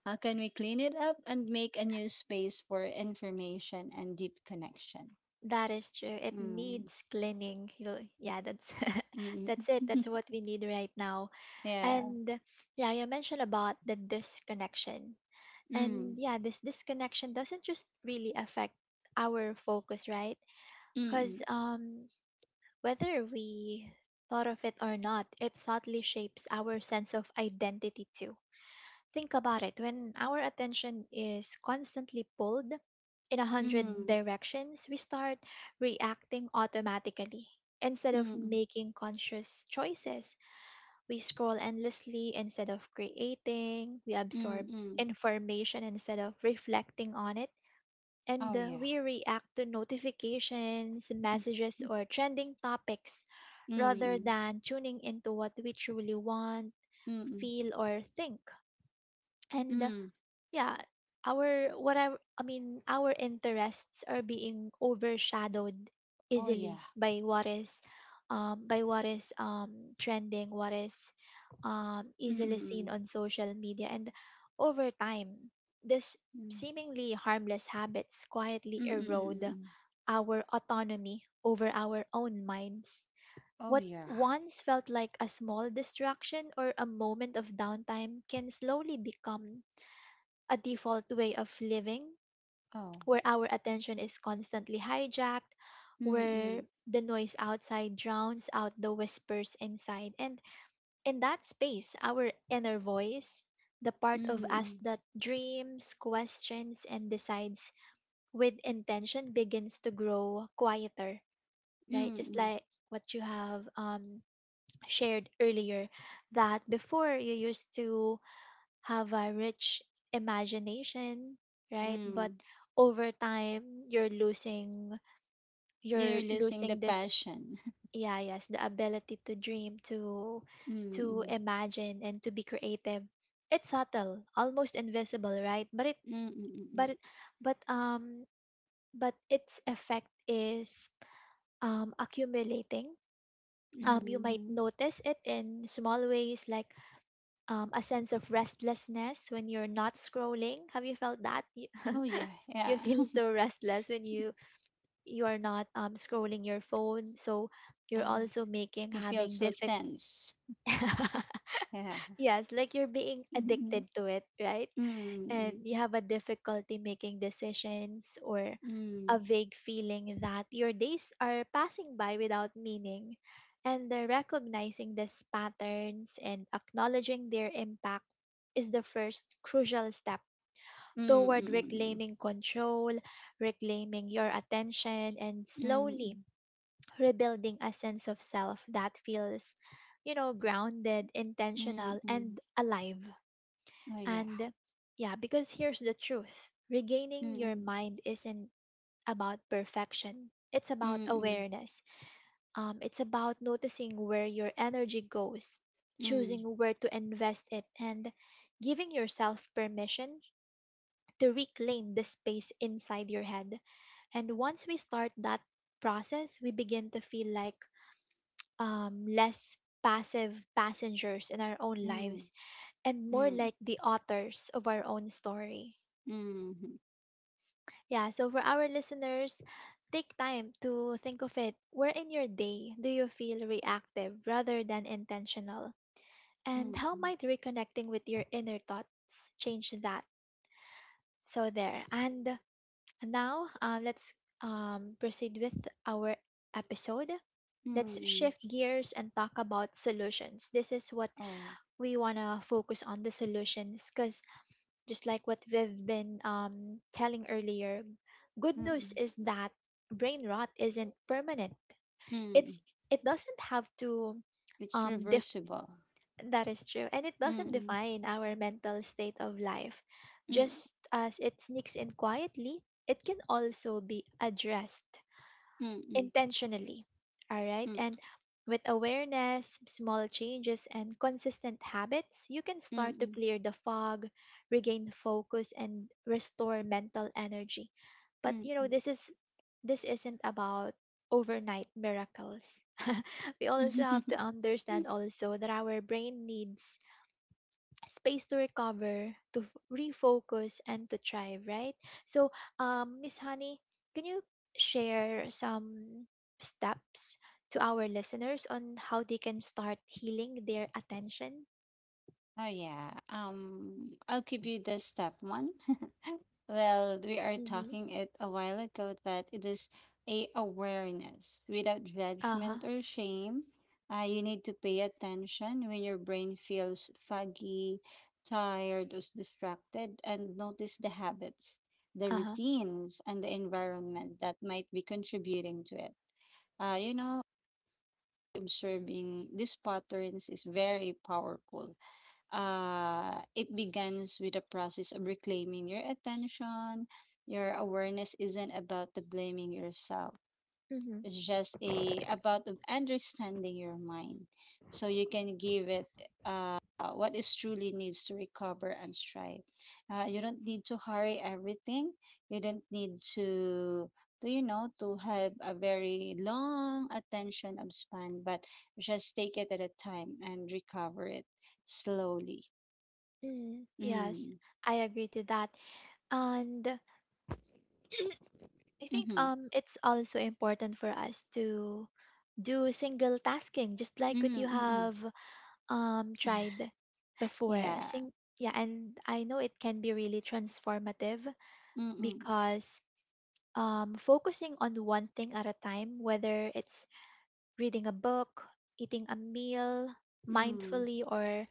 [SPEAKER 2] how can we clean it up and make a new space for information and deep connection?
[SPEAKER 1] That is true. It
[SPEAKER 2] Mm.
[SPEAKER 1] needs cleaning. You, yeah, that's
[SPEAKER 2] Mm.
[SPEAKER 1] that's it. That's what we need right now.
[SPEAKER 2] Yeah.
[SPEAKER 1] And yeah, you mentioned about the disconnection. And
[SPEAKER 2] Mm.
[SPEAKER 1] yeah, this disconnection doesn't just really affect our focus, right? Because
[SPEAKER 2] Mm.
[SPEAKER 1] whether we thought of it or not, it subtly shapes our sense of identity too. Think about it, when our attention is constantly pulled in a hundred
[SPEAKER 2] Mm.
[SPEAKER 1] directions, we start reacting automatically instead of
[SPEAKER 2] Mm.
[SPEAKER 1] making conscious choices. We scroll endlessly instead of creating. We
[SPEAKER 2] Mm.
[SPEAKER 1] absorb
[SPEAKER 2] Mm.
[SPEAKER 1] information instead of reflecting on it,
[SPEAKER 2] Oh,
[SPEAKER 1] and
[SPEAKER 2] yeah.
[SPEAKER 1] we react to notifications, messages, or trending topics rather
[SPEAKER 2] Mm.
[SPEAKER 1] than tuning into what we truly want,
[SPEAKER 2] Mm. Mm.
[SPEAKER 1] feel, or think. And
[SPEAKER 2] Mm.
[SPEAKER 1] yeah our what I mean, our interests are being overshadowed
[SPEAKER 2] Oh, yeah.
[SPEAKER 1] easily by what is trending, what is
[SPEAKER 2] Mm.
[SPEAKER 1] easily seen
[SPEAKER 2] Mm.
[SPEAKER 1] on social media. And over time, this
[SPEAKER 2] Mm.
[SPEAKER 1] seemingly harmless habits quietly
[SPEAKER 2] Mm. Mm. Mm.
[SPEAKER 1] erode
[SPEAKER 2] Mm.
[SPEAKER 1] our autonomy over our own minds.
[SPEAKER 2] Oh,
[SPEAKER 1] What
[SPEAKER 2] yeah.
[SPEAKER 1] once felt like a small distraction or a moment of downtime can slowly become a default way of living,
[SPEAKER 2] Oh.
[SPEAKER 1] where our attention is constantly hijacked,
[SPEAKER 2] Mm.
[SPEAKER 1] where
[SPEAKER 2] Mm.
[SPEAKER 1] the noise outside drowns out the whispers inside. And in that space, our inner voice, the part of
[SPEAKER 2] Mm.
[SPEAKER 1] us
[SPEAKER 2] Mm.
[SPEAKER 1] that dreams, questions, and decides with intention, begins to grow quieter, right? Just
[SPEAKER 2] Mm.
[SPEAKER 1] like what you have shared earlier, that before you used to have a rich imagination, right? But
[SPEAKER 2] Mm.
[SPEAKER 1] over time,
[SPEAKER 2] You're
[SPEAKER 1] you're
[SPEAKER 2] losing the
[SPEAKER 1] losing this.
[SPEAKER 2] passion.
[SPEAKER 1] Yeah, yes, the ability to dream, to
[SPEAKER 2] Mm-mm.
[SPEAKER 1] imagine and to be creative. It's subtle, almost invisible, right? But it
[SPEAKER 2] Mm-mm-mm.
[SPEAKER 1] but it- but But its effect is accumulating. You might
[SPEAKER 2] Mm-hmm.
[SPEAKER 1] notice it in small ways, like a sense of restlessness when you're not scrolling. Have you felt that?
[SPEAKER 2] Oh yeah, yeah.
[SPEAKER 1] You feel so restless when you are not scrolling your phone, so you're
[SPEAKER 2] Ah,
[SPEAKER 1] also making
[SPEAKER 2] you feel
[SPEAKER 1] having
[SPEAKER 2] so
[SPEAKER 1] difficult.
[SPEAKER 2] tense. Yeah.
[SPEAKER 1] Yes, like you're being
[SPEAKER 2] Mm-mm.
[SPEAKER 1] addicted to it, right? And
[SPEAKER 2] Mm-mm.
[SPEAKER 1] you have a difficulty making decisions, or a vague feeling that your days are passing by without meaning. And the recognizing these patterns and acknowledging their impact is the first crucial step
[SPEAKER 2] Mm-mm.
[SPEAKER 1] toward
[SPEAKER 2] Mm-mm.
[SPEAKER 1] reclaiming control, reclaiming your attention, and slowly
[SPEAKER 2] Mm-mm.
[SPEAKER 1] rebuilding a sense of self that feels, you know, grounded, intentional,
[SPEAKER 2] Mm-mm.
[SPEAKER 1] and alive.
[SPEAKER 2] Oh yeah.
[SPEAKER 1] And yeah, because here's the truth, regaining your
[SPEAKER 2] Mm-mm.
[SPEAKER 1] mind isn't about perfection, it's about
[SPEAKER 2] Mm-mm.
[SPEAKER 1] awareness. It's about noticing where your energy goes, choosing where to invest it, and giving yourself permission to reclaim the space inside your head. And once we start that process, we begin to feel like less passive passengers in our own
[SPEAKER 2] Mm-mm.
[SPEAKER 1] lives, and more
[SPEAKER 2] Mm-mm.
[SPEAKER 1] like the authors of our own story.
[SPEAKER 2] Mm-mm.
[SPEAKER 1] Yeah, so for our listeners, take time to think of it. Where in your day do you feel reactive rather than intentional? And how
[SPEAKER 2] Mm-mm.
[SPEAKER 1] might reconnecting with your inner thoughts change that? So, there. And now let's proceed with our episode. Let's
[SPEAKER 2] Mm-mm.
[SPEAKER 1] shift gears and talk about solutions. This is what
[SPEAKER 2] Oh.
[SPEAKER 1] we want to focus on, the solutions, because just like what we've been telling earlier, good news
[SPEAKER 2] Mm-mm.
[SPEAKER 1] is that brain rot isn't permanent.
[SPEAKER 2] Mm.
[SPEAKER 1] It's it doesn't have to
[SPEAKER 2] It's
[SPEAKER 1] um def-
[SPEAKER 2] reversible.
[SPEAKER 1] that is true, and it doesn't
[SPEAKER 2] Mm-mm.
[SPEAKER 1] define our mental state of life.
[SPEAKER 2] Mm-mm.
[SPEAKER 1] Just as it sneaks in quietly, it can also be addressed
[SPEAKER 2] Mm-mm.
[SPEAKER 1] intentionally. All right. And
[SPEAKER 2] Mm-mm.
[SPEAKER 1] with awareness, small changes, and consistent habits, you can start to
[SPEAKER 2] Mm-mm.
[SPEAKER 1] clear the fog, regain focus, and restore mental energy. But you know,
[SPEAKER 2] Mm.
[SPEAKER 1] this isn't about overnight miracles. We also have to understand also that our brain needs space to recover, to refocus, and to thrive, right? So, Miss Honey, can you share some steps to our listeners on how they can start healing their attention?
[SPEAKER 2] Oh yeah. I'll give you the step one. Well, we are
[SPEAKER 1] Mm-hmm.
[SPEAKER 2] talking it a while ago that it is a awareness without
[SPEAKER 1] Uh huh.
[SPEAKER 2] judgment or shame. You need to pay attention when your brain feels foggy, tired, or distracted, and notice the habits, the
[SPEAKER 1] Uh huh.
[SPEAKER 2] routines, and the environment that might be contributing to it. You know, observing these patterns is very powerful. It begins with a process of reclaiming your attention. Your awareness isn't about the blaming yourself.
[SPEAKER 1] Mm-hmm.
[SPEAKER 2] It's just a about of understanding your mind, so you can give it uh, what is truly needs to recover and strive. You don't need to hurry everything. You don't need to you know, to have a very long attention of span, but just take it at a time and recover it slowly.
[SPEAKER 1] Mm, yes,
[SPEAKER 2] Hmm.
[SPEAKER 1] I agree to that. And I think
[SPEAKER 2] Mhm.
[SPEAKER 1] it's also important for us to do single tasking, just
[SPEAKER 2] Hmm,
[SPEAKER 1] like what
[SPEAKER 2] mm.
[SPEAKER 1] you
[SPEAKER 2] Mm-mm.
[SPEAKER 1] have tried before
[SPEAKER 2] Yeah.
[SPEAKER 1] sing yeah and I know it can be really transformative
[SPEAKER 2] Mm, mm.
[SPEAKER 1] because focusing on one thing at a time, whether it's reading a book, eating a meal
[SPEAKER 2] Mm,
[SPEAKER 1] mindfully, or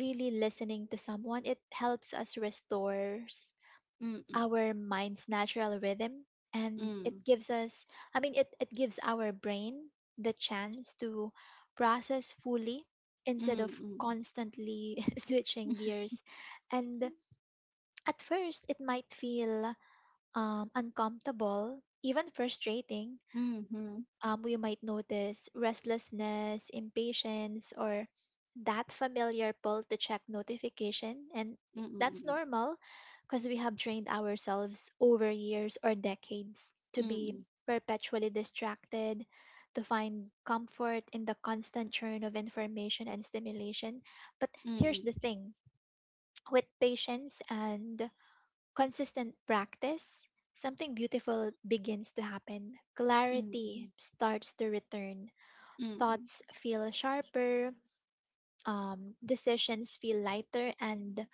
[SPEAKER 1] really listening to someone, it helps us restore
[SPEAKER 2] mm,
[SPEAKER 1] our mind's natural rhythm. And it
[SPEAKER 2] mm.
[SPEAKER 1] gives us, I mean, it gives our brain the chance to process fully instead of
[SPEAKER 2] Mhm.
[SPEAKER 1] constantly switching gears. And at first it might feel, uncomfortable, even frustrating.
[SPEAKER 2] Mm, mm,
[SPEAKER 1] We might notice restlessness, impatience, or that familiar pull to check notification. And that's
[SPEAKER 2] mm.
[SPEAKER 1] normal because we have trained ourselves over years or decades to be
[SPEAKER 2] Mm,
[SPEAKER 1] perpetually distracted, to find comfort in the constant churn of information and stimulation. But here's the thing, with patience and consistent practice, something beautiful begins to happen. Clarity starts to return.
[SPEAKER 2] mm.
[SPEAKER 1] Thoughts feel sharper, decisions feel lighter, and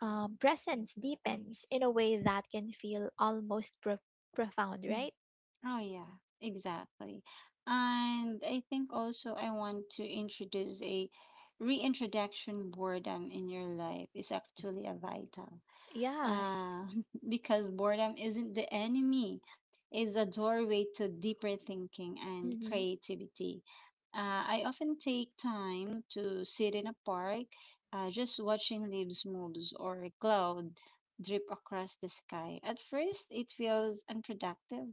[SPEAKER 1] presence deepens in a way that can feel almost profound,
[SPEAKER 2] Mm.
[SPEAKER 1] right?
[SPEAKER 2] Oh, yeah, exactly. And I think also I want to introduce a reintroduction boredom in your life is actually a vital.
[SPEAKER 1] Yes.
[SPEAKER 2] Uh, because boredom isn't the enemy, it's a doorway to deeper thinking and
[SPEAKER 1] Mm-hmm.
[SPEAKER 2] creativity. I often take time to sit in a park, just watching leaves move or a cloud drip across the sky. At first, it feels unproductive.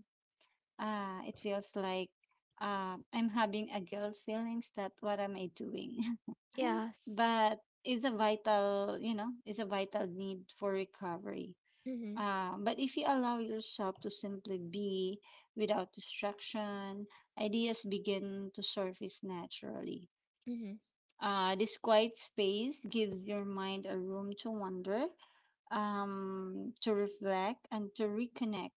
[SPEAKER 2] It feels like I'm having a guilt feelings that what am I doing?
[SPEAKER 1] Yes.
[SPEAKER 2] But it's a vital, you know, it's a vital need for recovery.
[SPEAKER 1] Mm-hmm.
[SPEAKER 2] But if you allow yourself to simply be without distraction, ideas begin to surface naturally.
[SPEAKER 1] Mm-hmm.
[SPEAKER 2] This quiet space gives your mind a room to wander, to reflect, and to reconnect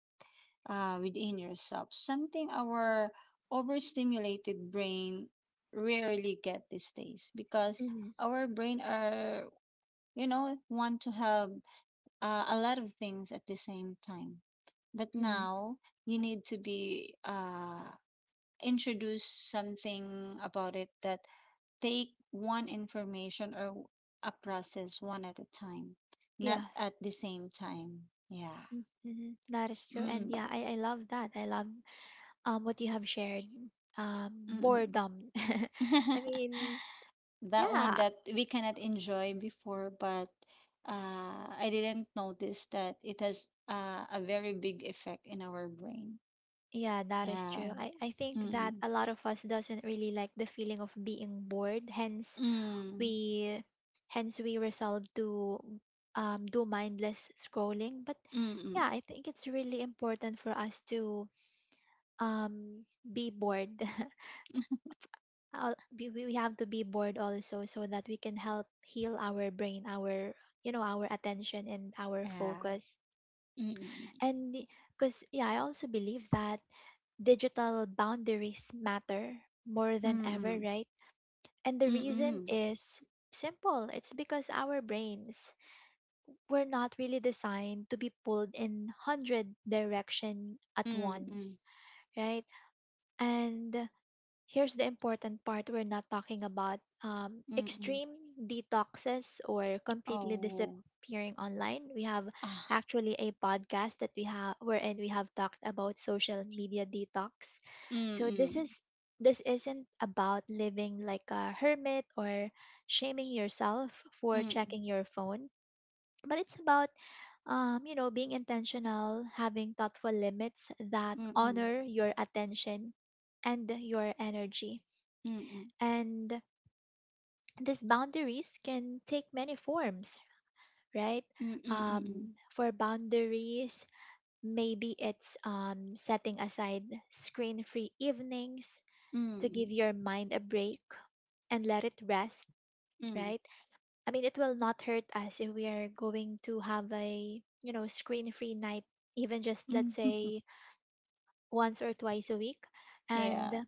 [SPEAKER 2] within yourself. Something our overstimulated brain rarely get these days, because
[SPEAKER 1] Mm-hmm.
[SPEAKER 2] our brain are, you know, want to have a lot of things at the same time. But
[SPEAKER 1] Mm-hmm.
[SPEAKER 2] now you need to be introduce something about it, that take one information or a process one at a time, not
[SPEAKER 1] Yeah.
[SPEAKER 2] at the same time. Yeah.
[SPEAKER 1] Mm-hmm. Mm-hmm. That is true. And
[SPEAKER 2] Mm-mm.
[SPEAKER 1] yeah, I love that. I love what you have shared, um,
[SPEAKER 2] Mm-mm.
[SPEAKER 1] boredom. I mean,
[SPEAKER 2] That one
[SPEAKER 1] yeah,
[SPEAKER 2] that we cannot enjoy before, but I didn't notice that it has a very big effect in our brain.
[SPEAKER 1] yeah, that is true.
[SPEAKER 2] Yeah.
[SPEAKER 1] I think that
[SPEAKER 2] Mm-mm.
[SPEAKER 1] a lot of us doesn't really like the feeling of being bored. Hence,
[SPEAKER 2] Ừm,
[SPEAKER 1] we, hence we resolve to do mindless scrolling. But
[SPEAKER 2] ừm, ừm,
[SPEAKER 1] yeah, I think it's really important for us to be bored. We have to be bored also so that we can help heal our brain, our you know our attention and our
[SPEAKER 2] à,
[SPEAKER 1] focus.
[SPEAKER 2] ừm,
[SPEAKER 1] And because, yeah, I also believe that digital boundaries matter more than
[SPEAKER 2] ừm, ừm,
[SPEAKER 1] ever,
[SPEAKER 2] ừm,
[SPEAKER 1] right? And the
[SPEAKER 2] ừm,
[SPEAKER 1] reason
[SPEAKER 2] ừm,
[SPEAKER 1] is simple, it's because our brains were not really designed to be pulled in 100 direction at
[SPEAKER 2] ừm,
[SPEAKER 1] once,
[SPEAKER 2] ừm,
[SPEAKER 1] right? And here's the important part, we're not talking about
[SPEAKER 2] ừm, ừm,
[SPEAKER 1] extreme detoxes or
[SPEAKER 2] ồ,
[SPEAKER 1] completely disappearing online. We have
[SPEAKER 2] à,
[SPEAKER 1] actually a podcast that we have wherein we have talked about social media detox.
[SPEAKER 2] ừm,
[SPEAKER 1] So this
[SPEAKER 2] ừm,
[SPEAKER 1] is, this isn't about living like a hermit or shaming yourself for
[SPEAKER 2] ừm,
[SPEAKER 1] checking your phone, but it's about, being intentional, having thoughtful limits that
[SPEAKER 2] ừm, ừm,
[SPEAKER 1] honor your attention and your energy.
[SPEAKER 2] ừm, ừm,
[SPEAKER 1] And these boundaries can take many forms, right?
[SPEAKER 2] ừm, ừm, ừm, ừm,
[SPEAKER 1] For boundaries, maybe it's setting aside screen free evenings to give your mind a break and let it rest,
[SPEAKER 2] ừm,
[SPEAKER 1] right? I mean, it will not hurt us if we are going to have a, you know, screen free night, even just
[SPEAKER 2] ừm,
[SPEAKER 1] let's
[SPEAKER 2] ừm.
[SPEAKER 1] say once or twice a week. And
[SPEAKER 2] Yeah.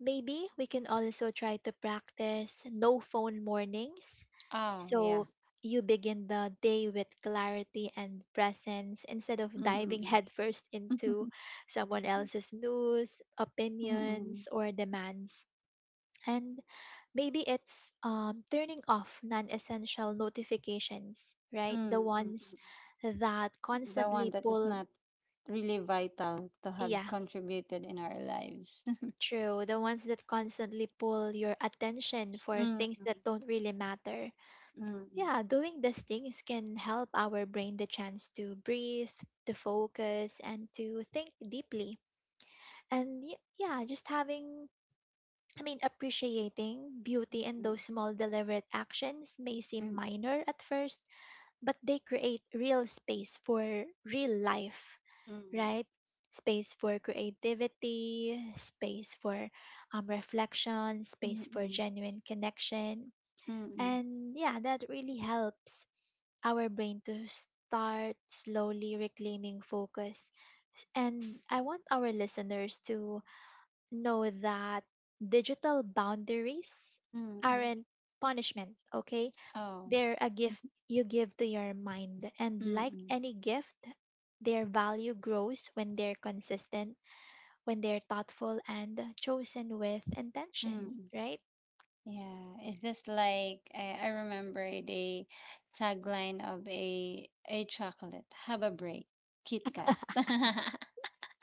[SPEAKER 1] maybe we can also try to practice no phone mornings.
[SPEAKER 2] Oh, yeah.
[SPEAKER 1] So you begin the day with clarity and presence instead of
[SPEAKER 2] Mm,
[SPEAKER 1] diving
[SPEAKER 2] mm,
[SPEAKER 1] headfirst into
[SPEAKER 2] mm.
[SPEAKER 1] someone else's news,
[SPEAKER 2] Mm, mm,
[SPEAKER 1] opinions, or demands. And maybe it's turning off non essential notifications, right? The
[SPEAKER 2] mm, mm,
[SPEAKER 1] ones
[SPEAKER 2] mm.
[SPEAKER 1] that
[SPEAKER 2] The one
[SPEAKER 1] constantly
[SPEAKER 2] that is
[SPEAKER 1] pull.
[SPEAKER 2] not really vital to have
[SPEAKER 1] Yeah.
[SPEAKER 2] contributed in our lives.
[SPEAKER 1] True, the ones that constantly pull your attention for
[SPEAKER 2] Mm,
[SPEAKER 1] things
[SPEAKER 2] mm,
[SPEAKER 1] that don't really matter.
[SPEAKER 2] mm,
[SPEAKER 1] Yeah, doing these things can help our brain the chance to breathe, to focus, and to think deeply. And yeah, just having, I mean, appreciating
[SPEAKER 2] mm,
[SPEAKER 1] beauty in
[SPEAKER 2] mm,
[SPEAKER 1] those small deliberate actions may
[SPEAKER 2] mm,
[SPEAKER 1] seem
[SPEAKER 2] mm.
[SPEAKER 1] minor at first, but they create real space for real life,
[SPEAKER 2] Mm.
[SPEAKER 1] right? Space for creativity, space for reflection, space for
[SPEAKER 2] Mm,
[SPEAKER 1] genuine connection.
[SPEAKER 2] mm,
[SPEAKER 1] And yeah, that really helps our brain to start slowly reclaiming focus. And I want our listeners to know that digital boundaries
[SPEAKER 2] mm.
[SPEAKER 1] aren't punishment, okay?
[SPEAKER 2] Oh,
[SPEAKER 1] They're a gift you give to your mind, and like
[SPEAKER 2] mm,
[SPEAKER 1] any gift, their value grows when they're consistent, when they're thoughtful, and chosen with intention,
[SPEAKER 2] mm.
[SPEAKER 1] right?
[SPEAKER 2] Yeah, it's just like I remember the tagline of a chocolate. Have a break, Kit Kat.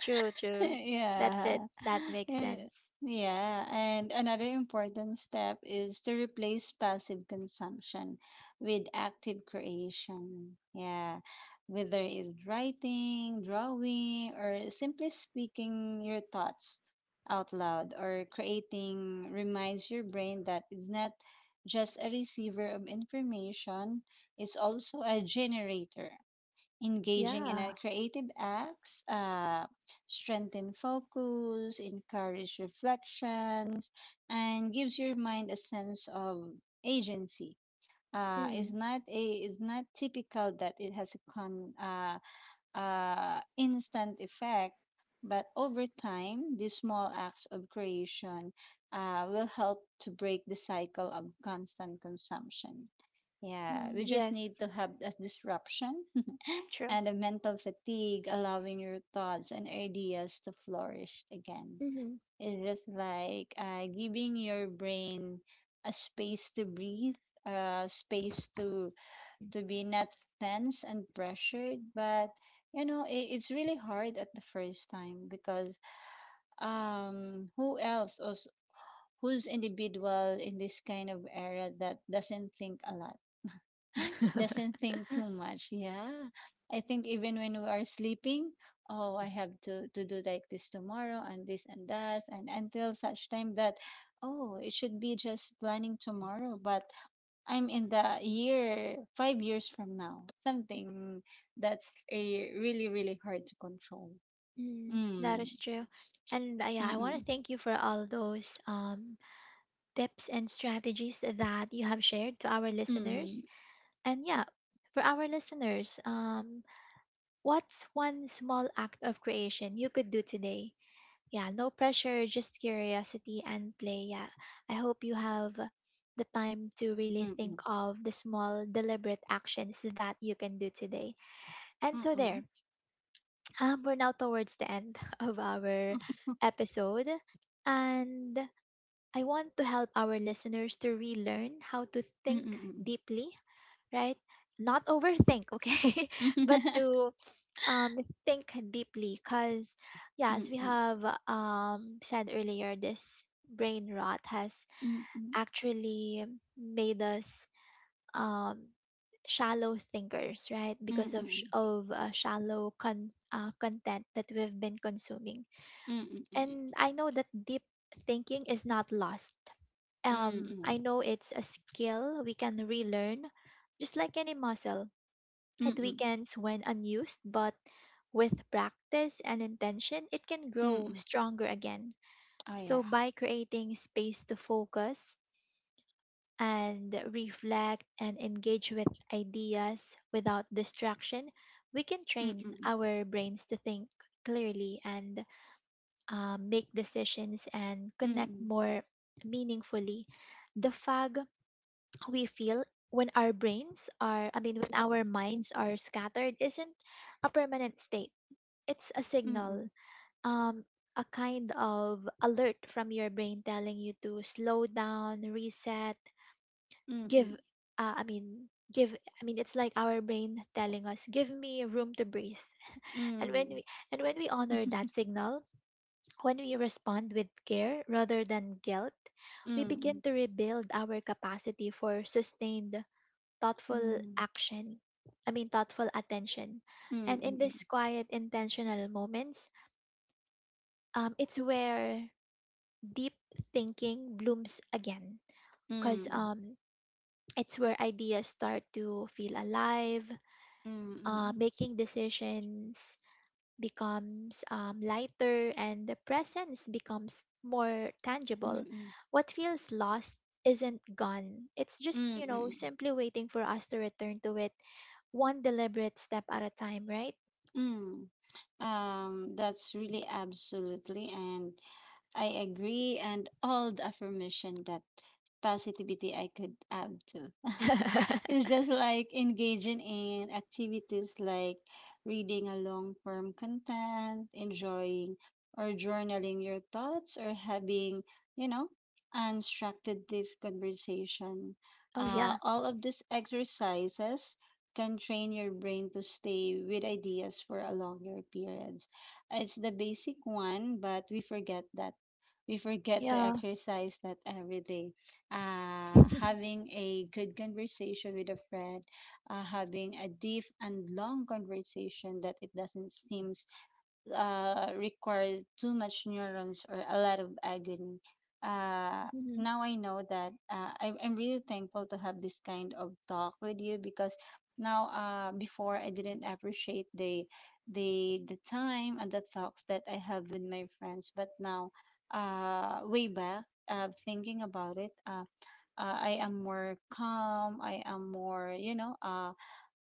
[SPEAKER 1] True, true. That's it.
[SPEAKER 2] Yeah.
[SPEAKER 1] That makes
[SPEAKER 2] Yeah.
[SPEAKER 1] sense.
[SPEAKER 2] Yeah, and another important step is to replace passive consumption with active creation. Yeah, whether it's writing, drawing, or simply speaking your thoughts out loud or creating, reminds your brain that it's not just a receiver of information, it's also a generator. Engaging in
[SPEAKER 1] Yeah.
[SPEAKER 2] a creative acts strengthen focus, encourage reflections, and gives your mind a sense of agency.
[SPEAKER 1] Mm,
[SPEAKER 2] Is not a is not typical that it has a con instant effect, but over time, these small acts of creation will help to break the cycle of constant consumption. Yeah,
[SPEAKER 1] mm,
[SPEAKER 2] we just need
[SPEAKER 1] yes,
[SPEAKER 2] to have a disruption
[SPEAKER 1] true.
[SPEAKER 2] and a mental fatigue, allowing your thoughts and ideas to flourish again.
[SPEAKER 1] Hmm.
[SPEAKER 2] It's just like giving your brain a space to breathe, a space to be not tense and pressured. But you know, it's really hard at the first time because, who else? Os Who's individual in this kind of era that doesn't think a lot? Doesn't think too much. Yeah. I think even when we are sleeping, oh, I have to do like this tomorrow and this and that. And until such time that, oh, it should be just planning tomorrow. But I'm in the year, 5 years from now, something. That's a really, really hard to control.
[SPEAKER 1] Mm, that
[SPEAKER 2] Mm.
[SPEAKER 1] is true. And yeah, I want to
[SPEAKER 2] Mm-mm.
[SPEAKER 1] thank you for all those tips and strategies that you have shared to our listeners.
[SPEAKER 2] Mm-hmm.
[SPEAKER 1] And yeah, for our listeners, what's one small act of creation you could do today? Yeah, no pressure, just curiosity and play. Yeah, I hope you have the time to really think
[SPEAKER 2] Mm-mm.
[SPEAKER 1] of the small, deliberate actions that you can do today. And so, there,
[SPEAKER 2] Mm-mm.
[SPEAKER 1] we're now towards the end of our episode. And I want to help our listeners to relearn how to think
[SPEAKER 2] Mm-mm.
[SPEAKER 1] deeply, right? Not overthink, okay? But
[SPEAKER 2] Mm-mm.
[SPEAKER 1] to, um, think deeply because, yeah, as we
[SPEAKER 2] Mm-mm.
[SPEAKER 1] have said earlier, this brain rot has actually made us um, shallow thinkers, right?
[SPEAKER 2] Mm-mm.
[SPEAKER 1] Because of, sh-
[SPEAKER 2] Mm-mm.
[SPEAKER 1] of uh, shallow content that we've been consuming.
[SPEAKER 2] Mm-mm.
[SPEAKER 1] And I know that deep thinking is not lost.
[SPEAKER 2] Mm,
[SPEAKER 1] I know it's a skill we can relearn, just like any muscle. It
[SPEAKER 2] mm,
[SPEAKER 1] weakens when unused, but with practice and intention, it can grow
[SPEAKER 2] mm,
[SPEAKER 1] stronger again.
[SPEAKER 2] oh,
[SPEAKER 1] So,
[SPEAKER 2] yeah.
[SPEAKER 1] by creating space to focus and reflect and engage with ideas without distraction, we can
[SPEAKER 2] Mm,
[SPEAKER 1] train
[SPEAKER 2] mm,
[SPEAKER 1] our brains to think clearly and make decisions and connect
[SPEAKER 2] mm,
[SPEAKER 1] more meaningfully. The fog we feel when our brains are, I mean, when our minds are scattered isn't a permanent state. It's a signal,
[SPEAKER 2] mm,
[SPEAKER 1] um, a kind of alert from your brain telling you to slow down, reset, give,
[SPEAKER 2] mm,
[SPEAKER 1] I mean, it's like our brain telling us, give me room to breathe. And when
[SPEAKER 2] mm,
[SPEAKER 1] we, and when we honor that signal, when we respond with care rather than guilt,
[SPEAKER 2] mm,
[SPEAKER 1] we begin
[SPEAKER 2] mm,
[SPEAKER 1] to rebuild our capacity for sustained thoughtful
[SPEAKER 2] mm,
[SPEAKER 1] action. I mean, thoughtful attention. And in
[SPEAKER 2] mm,
[SPEAKER 1] these quiet, intentional moments, it's where deep thinking blooms again. Because it's where ideas start to feel alive, making decisions becomes lighter, and the presence becomes more
[SPEAKER 2] mm,
[SPEAKER 1] tangible.
[SPEAKER 2] mm,
[SPEAKER 1] What feels lost isn't gone. It's just, you know,
[SPEAKER 2] mm,
[SPEAKER 1] simply waiting for us to return to it one deliberate step at a time, right?
[SPEAKER 2] mm. That's really absolutely, and I agree, and all the affirmation that positivity I could add to. It's just like engaging in activities like reading a long form content, enjoying or journaling your thoughts, or having, you know, constructive conversation.
[SPEAKER 1] Oh yeah,
[SPEAKER 2] All of these exercises can train your brain to stay with ideas for a longer periods. It's the basic one, but we forget that we forget to
[SPEAKER 1] yeah.
[SPEAKER 2] exercise that every day. Having a good conversation with a friend, having a deep and long conversation that it doesn't seem require too much neurons or a lot of agony. Uh,
[SPEAKER 1] Mhm,
[SPEAKER 2] Now I know that I'm really thankful to have this kind of talk with you, because now, before I didn't appreciate the the time and the talks that I have with my friends, but now, way back, thinking about it. I am more calm. I am more, you know,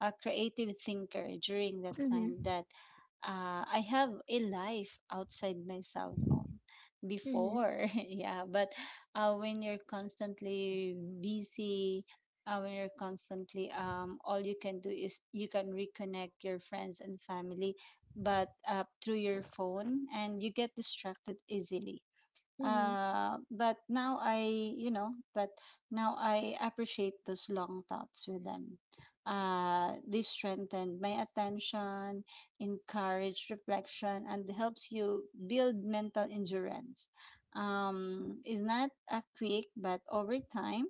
[SPEAKER 2] a creative thinker during that time,
[SPEAKER 1] mhm,
[SPEAKER 2] that I have a life outside my cell phone
[SPEAKER 1] mhm,
[SPEAKER 2] before. Yeah, but when you're constantly busy, when you're constantly, all you can do is you can reconnect your friends and family, but through your phone, and you get distracted easily.
[SPEAKER 1] mhm,
[SPEAKER 2] But now I, you know, but now I appreciate those long thoughts with them. They strengthen my attention, encourage reflection, and helps you build mental endurance. It's not a quick, but over time,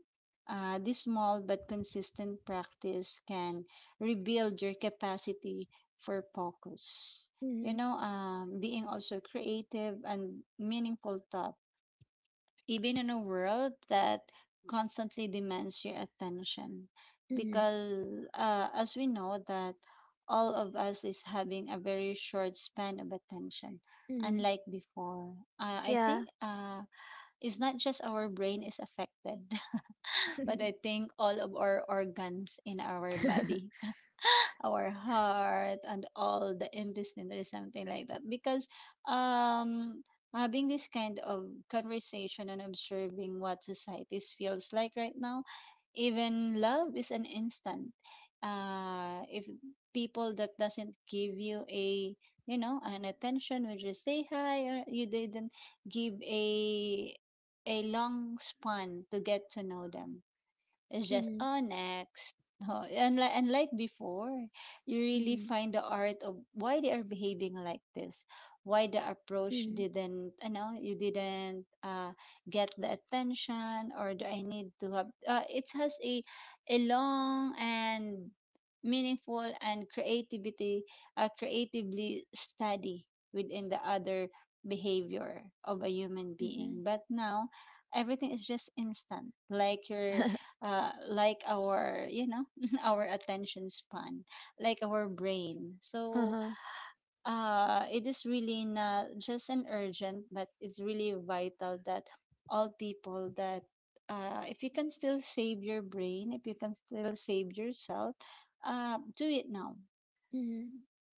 [SPEAKER 2] this small but consistent practice can rebuild your capacity for focus, you
[SPEAKER 1] mhm,
[SPEAKER 2] know, being also creative and meaningful thought, even in a world that constantly demands your attention,
[SPEAKER 1] mhm,
[SPEAKER 2] because as we know that all of us is having a very short span of attention,
[SPEAKER 1] mhm.
[SPEAKER 2] unlike before. I think
[SPEAKER 1] Yeah.
[SPEAKER 2] It's not just our brain is affected, but I think all of our organs in our body, our heart and all the intestine or something like that, because um having this kind of conversation and observing what society feels like right now, even love is an instant. If people that doesn't give you a, you know, an attention when you say hi, or you didn't give a long span to get to know them, it's just,
[SPEAKER 1] Mhm,
[SPEAKER 2] oh, next. No, unlike, unlike before, you really
[SPEAKER 1] mhm,
[SPEAKER 2] find the art of why they are behaving like this, why the approach
[SPEAKER 1] mhm,
[SPEAKER 2] didn't, you know, you didn't get the attention, or do I need to have, it has a long and meaningful and creativity, creatively study within the other behavior of a human
[SPEAKER 1] mhm.
[SPEAKER 2] being. But now, everything is just instant. Like your like our, you know, our attention span, like our brain. So
[SPEAKER 1] Uh-huh.
[SPEAKER 2] it is really not just an urgent, but it's really vital that all people that, if you can still save your brain, if you can still save yourself, do it now.
[SPEAKER 1] Mhm.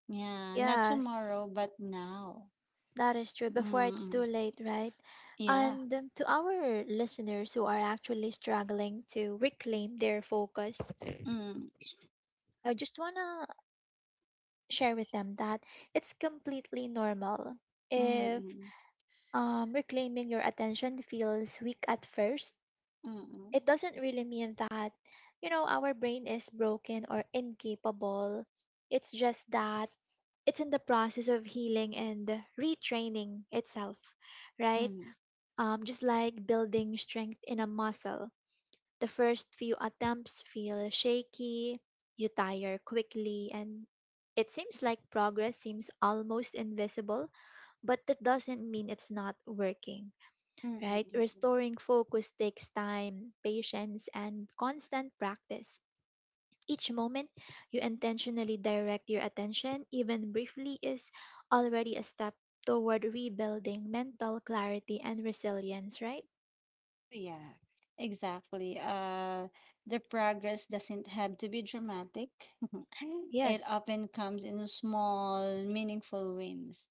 [SPEAKER 2] Yeah, not
[SPEAKER 1] Yes,
[SPEAKER 2] tomorrow, but now.
[SPEAKER 1] that is true. Before it's too
[SPEAKER 2] Mm,
[SPEAKER 1] late, right?
[SPEAKER 2] yeah.
[SPEAKER 1] And to our listeners who are actually struggling to reclaim their focus,
[SPEAKER 2] Mm,
[SPEAKER 1] I just wanna share with them that it's completely normal
[SPEAKER 2] mm,
[SPEAKER 1] if,
[SPEAKER 2] mm,
[SPEAKER 1] reclaiming your attention feels weak at first,
[SPEAKER 2] mm, mm,
[SPEAKER 1] it doesn't really mean that, you know, our brain is broken or incapable. It's just that it's in the process of healing and retraining itself, right?
[SPEAKER 2] mm,
[SPEAKER 1] Just like building strength in a muscle. The first few attempts feel shaky, you tire quickly, and it seems like progress seems almost invisible, but that doesn't mean it's not working,
[SPEAKER 2] mm,
[SPEAKER 1] right?
[SPEAKER 2] mm, mm.
[SPEAKER 1] Restoring focus takes time, patience, and constant practice. Each moment you intentionally direct your attention, even briefly, is already a step toward rebuilding mental clarity and resilience, right?
[SPEAKER 2] Yeah, exactly. The progress doesn't have to be dramatic. It
[SPEAKER 1] Yes.
[SPEAKER 2] often comes in small, meaningful wins.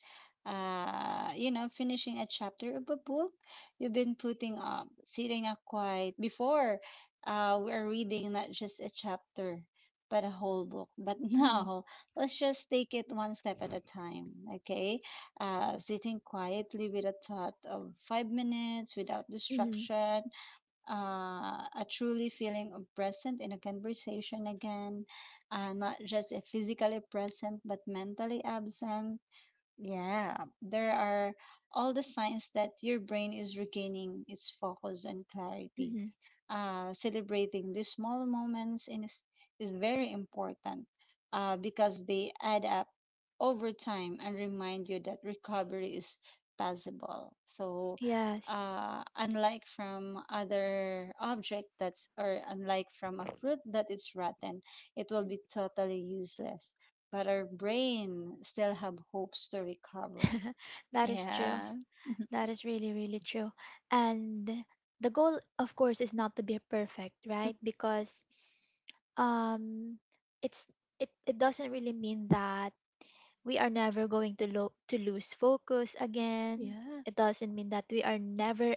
[SPEAKER 2] You know, finishing a chapter of a book you've been putting up, sitting up quiet before we're reading not just a chapter, but a whole book. But
[SPEAKER 1] Hmm.
[SPEAKER 2] now, let's just take it one step at a time, okay? Sitting quietly with a thought of 5 minutes without
[SPEAKER 1] Hmm.
[SPEAKER 2] distraction, uh, a truly feeling of present in a conversation again, not just a physically present but mentally absent. Yeah, there are all the signs that your brain is regaining its focus and clarity.
[SPEAKER 1] Hmm.
[SPEAKER 2] Celebrating these small moments in is very important, because they add up over time and remind you that recovery is possible. So,
[SPEAKER 1] Yes.
[SPEAKER 2] unlike from other object that's, or unlike from a fruit that is rotten, it will be totally useless. But our brain still have hopes to recover.
[SPEAKER 1] That is true.
[SPEAKER 2] Yeah.
[SPEAKER 1] That is really, really true. And the goal, of course, is not to be perfect, right? Because um it's it doesn't really mean that we are never going to lose focus again,
[SPEAKER 2] Yeah.
[SPEAKER 1] it doesn't mean that we are never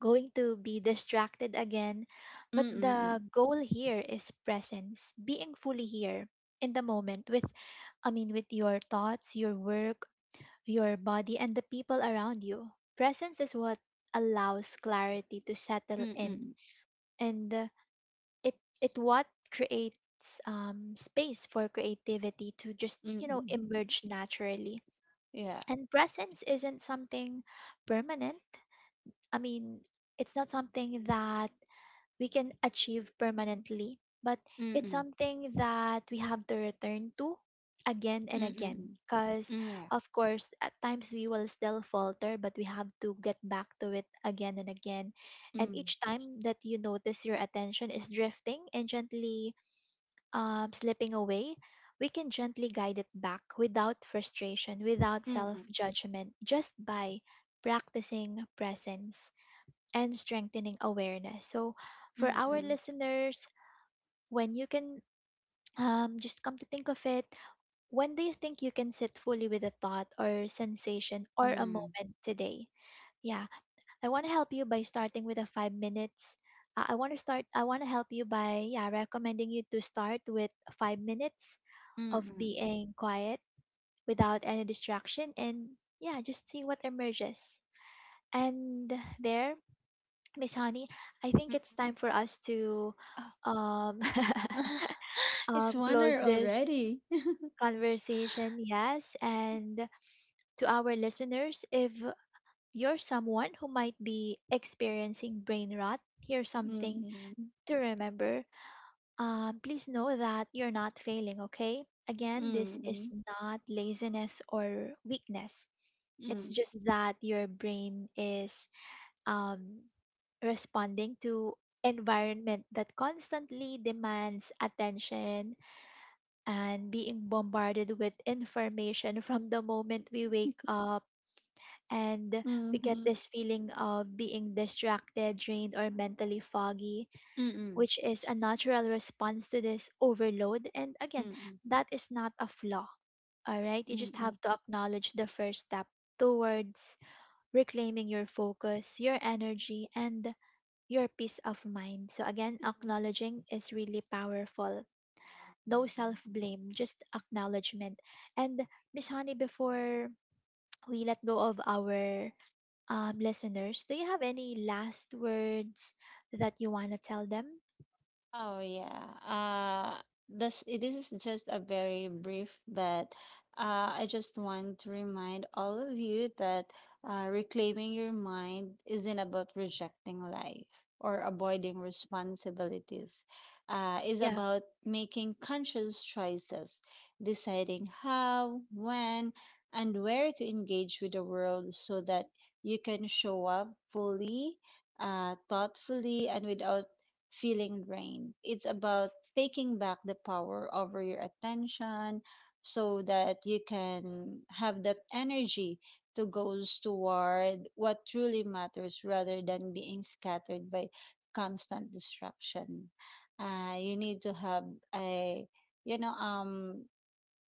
[SPEAKER 1] going to be distracted again, but the
[SPEAKER 2] Mm-mm-mm.
[SPEAKER 1] goal here is presence, being fully here in the moment with, I mean with your thoughts, your work, your body, and the people around you. Presence is what allows clarity to settle in,
[SPEAKER 2] Mm-mm.
[SPEAKER 1] and it what creates space for creativity to just
[SPEAKER 2] Mm-mm.
[SPEAKER 1] emerge naturally.
[SPEAKER 2] Yeah.
[SPEAKER 1] And presence isn't something permanent, I mean, it's not something that we can achieve permanently, but
[SPEAKER 2] Mm,
[SPEAKER 1] it's
[SPEAKER 2] mm,
[SPEAKER 1] something that we have to return to again and again,
[SPEAKER 2] mm,
[SPEAKER 1] because
[SPEAKER 2] mm, yeah.
[SPEAKER 1] of course at times we will still falter, but we have to get back to it again and again. And
[SPEAKER 2] Mm,
[SPEAKER 1] each time that you notice your attention is drifting and gently slipping away, we can gently guide it back without frustration, without
[SPEAKER 2] mm,
[SPEAKER 1] self
[SPEAKER 2] mm,
[SPEAKER 1] judgment, just by practicing presence and strengthening awareness. So, for our
[SPEAKER 2] mm,
[SPEAKER 1] listeners, when you can, just come to think of it, when do you think you can sit fully with a thought or sensation or a
[SPEAKER 2] mm,
[SPEAKER 1] moment today? Yeah, I want to help you by starting with a 5 minutes. I want to help you by, yeah, recommending you to start with 5 minutes
[SPEAKER 2] mm,
[SPEAKER 1] of
[SPEAKER 2] mm,
[SPEAKER 1] being quiet without any distraction and yeah, just see what emerges. And there, Miss Honey, I think
[SPEAKER 2] mm.
[SPEAKER 1] it's time for us to
[SPEAKER 2] Oh.
[SPEAKER 1] um
[SPEAKER 2] It's one
[SPEAKER 1] close
[SPEAKER 2] hour
[SPEAKER 1] this
[SPEAKER 2] already.
[SPEAKER 1] conversation, yes. And to our listeners, if you're someone who might be experiencing brain rot, here's
[SPEAKER 2] Mm,
[SPEAKER 1] something
[SPEAKER 2] mm,
[SPEAKER 1] to remember. Please know that you're not failing, okay? Again, this is
[SPEAKER 2] mm,
[SPEAKER 1] not laziness or weakness. It's
[SPEAKER 2] mm,
[SPEAKER 1] just that your brain is um, responding to environment that constantly demands attention and being bombarded with information from the moment we wake up, and we
[SPEAKER 2] mm,
[SPEAKER 1] get
[SPEAKER 2] mm,
[SPEAKER 1] this feeling of being distracted, drained, or mentally foggy,
[SPEAKER 2] mm,
[SPEAKER 1] which is a natural response to this overload. And again,
[SPEAKER 2] mm,
[SPEAKER 1] that is not a flaw, all right? You
[SPEAKER 2] mm,
[SPEAKER 1] just have
[SPEAKER 2] mm,
[SPEAKER 1] to acknowledge the first step towards reclaiming your focus, your energy, and your peace of mind. So, again,
[SPEAKER 2] mm.
[SPEAKER 1] acknowledging is really powerful. No self blame, just acknowledgement. And, Miss Honey, before we let go of our listeners, do you have any last words that you want to tell them?
[SPEAKER 2] Oh yeah. This is just a very brief, but I just want to remind all of you that reclaiming your mind isn't about rejecting life or avoiding responsibilities. Is
[SPEAKER 1] Yeah,
[SPEAKER 2] about making conscious choices, deciding how, when, and where to engage with the world, so that you can show up fully, thoughtfully, and without feeling drained. It's about taking back the power over your attention, so that you can have that energy to goes toward what truly matters, rather than being scattered by constant distraction. You need to have a, you know,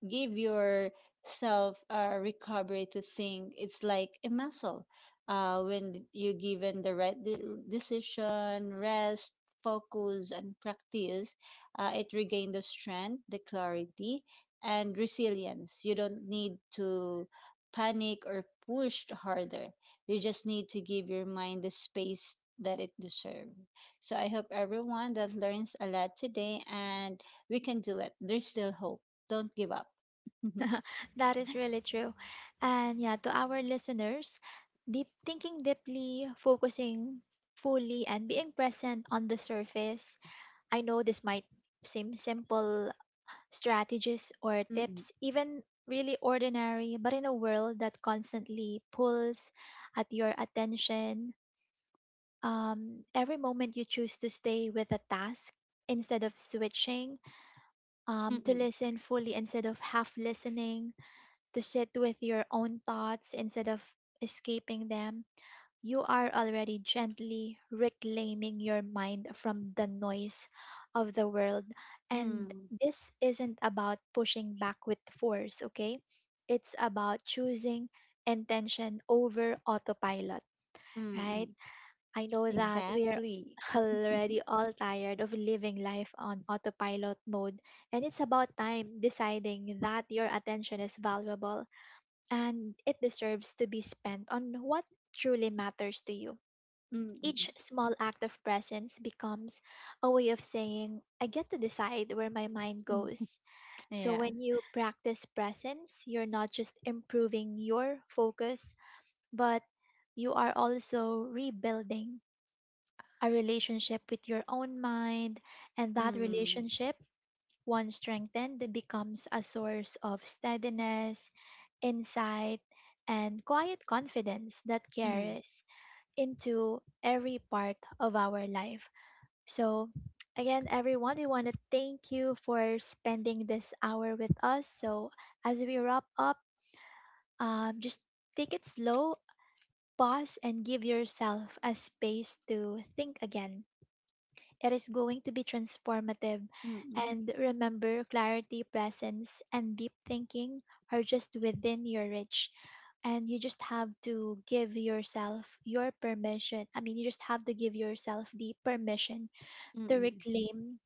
[SPEAKER 2] give yourself a recovery to think. It's like a muscle. When you're given the right decision, rest, focus, and practice, it regains the strength, the clarity, and resilience. You don't need to panic or push harder. You just need to give your mind the space that it deserves. So I hope everyone that learns a lot today, and we can do it. There's still hope, don't give up. Mhm.
[SPEAKER 1] that is really true. And, yeah, to our listeners, deep thinking deeply, focusing fully, and being present on the surface, I know this might seem simple strategies or
[SPEAKER 2] Mm,
[SPEAKER 1] tips, even really ordinary, but in a world that constantly pulls at your attention, every moment you choose to stay with a task instead of switching, to
[SPEAKER 2] mm,
[SPEAKER 1] listen fully instead of half listening, to sit with your own thoughts instead of escaping them, you are already gently reclaiming your mind from the noise of the world. And
[SPEAKER 2] mm,
[SPEAKER 1] this isn't about pushing back with force, okay? It's about choosing intention over autopilot, right?
[SPEAKER 2] mm,
[SPEAKER 1] I know that we're
[SPEAKER 2] exactly.
[SPEAKER 1] already all tired of living life on autopilot mode, and it's about time deciding that your attention is valuable and it deserves to be spent on what truly matters to you. Each
[SPEAKER 2] Mm,
[SPEAKER 1] small act of presence becomes a way of saying, I get to decide where my mind
[SPEAKER 2] mm,
[SPEAKER 1] goes. So
[SPEAKER 2] yeah.
[SPEAKER 1] when you practice presence, you're not just improving your focus, but you are also rebuilding a relationship with your own mind. And that
[SPEAKER 2] Mm,
[SPEAKER 1] relationship, once strengthened, becomes a source of steadiness, insight, and quiet confidence that
[SPEAKER 2] mm,
[SPEAKER 1] carries into every part of our life. So, again, everyone, we want to thank you for spending this hour with us. So, as we wrap up, just take it slow, pause, and give yourself a space to think again. It is going to be transformative.
[SPEAKER 2] mm,
[SPEAKER 1] And remember, clarity, presence, and deep thinking are just within your reach. And you just have to give yourself your permission. I mean, you just have to give yourself the permission to
[SPEAKER 2] mm.
[SPEAKER 1] reclaim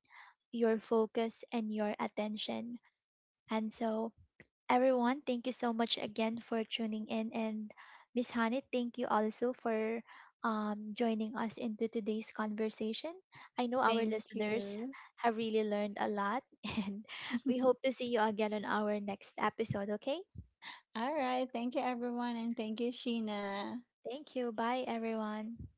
[SPEAKER 1] your focus and your attention. And so, everyone, thank you so much again for tuning in. And Miss Hanit, thank you also for joining us into today's conversation. I know our
[SPEAKER 2] Thank
[SPEAKER 1] listeners
[SPEAKER 2] you.
[SPEAKER 1] have really learned a lot, and we hope to see you again on our next episode, okay?
[SPEAKER 2] All right. Thank you, everyone. And thank you, Sheena.
[SPEAKER 1] Thank you. Bye, everyone.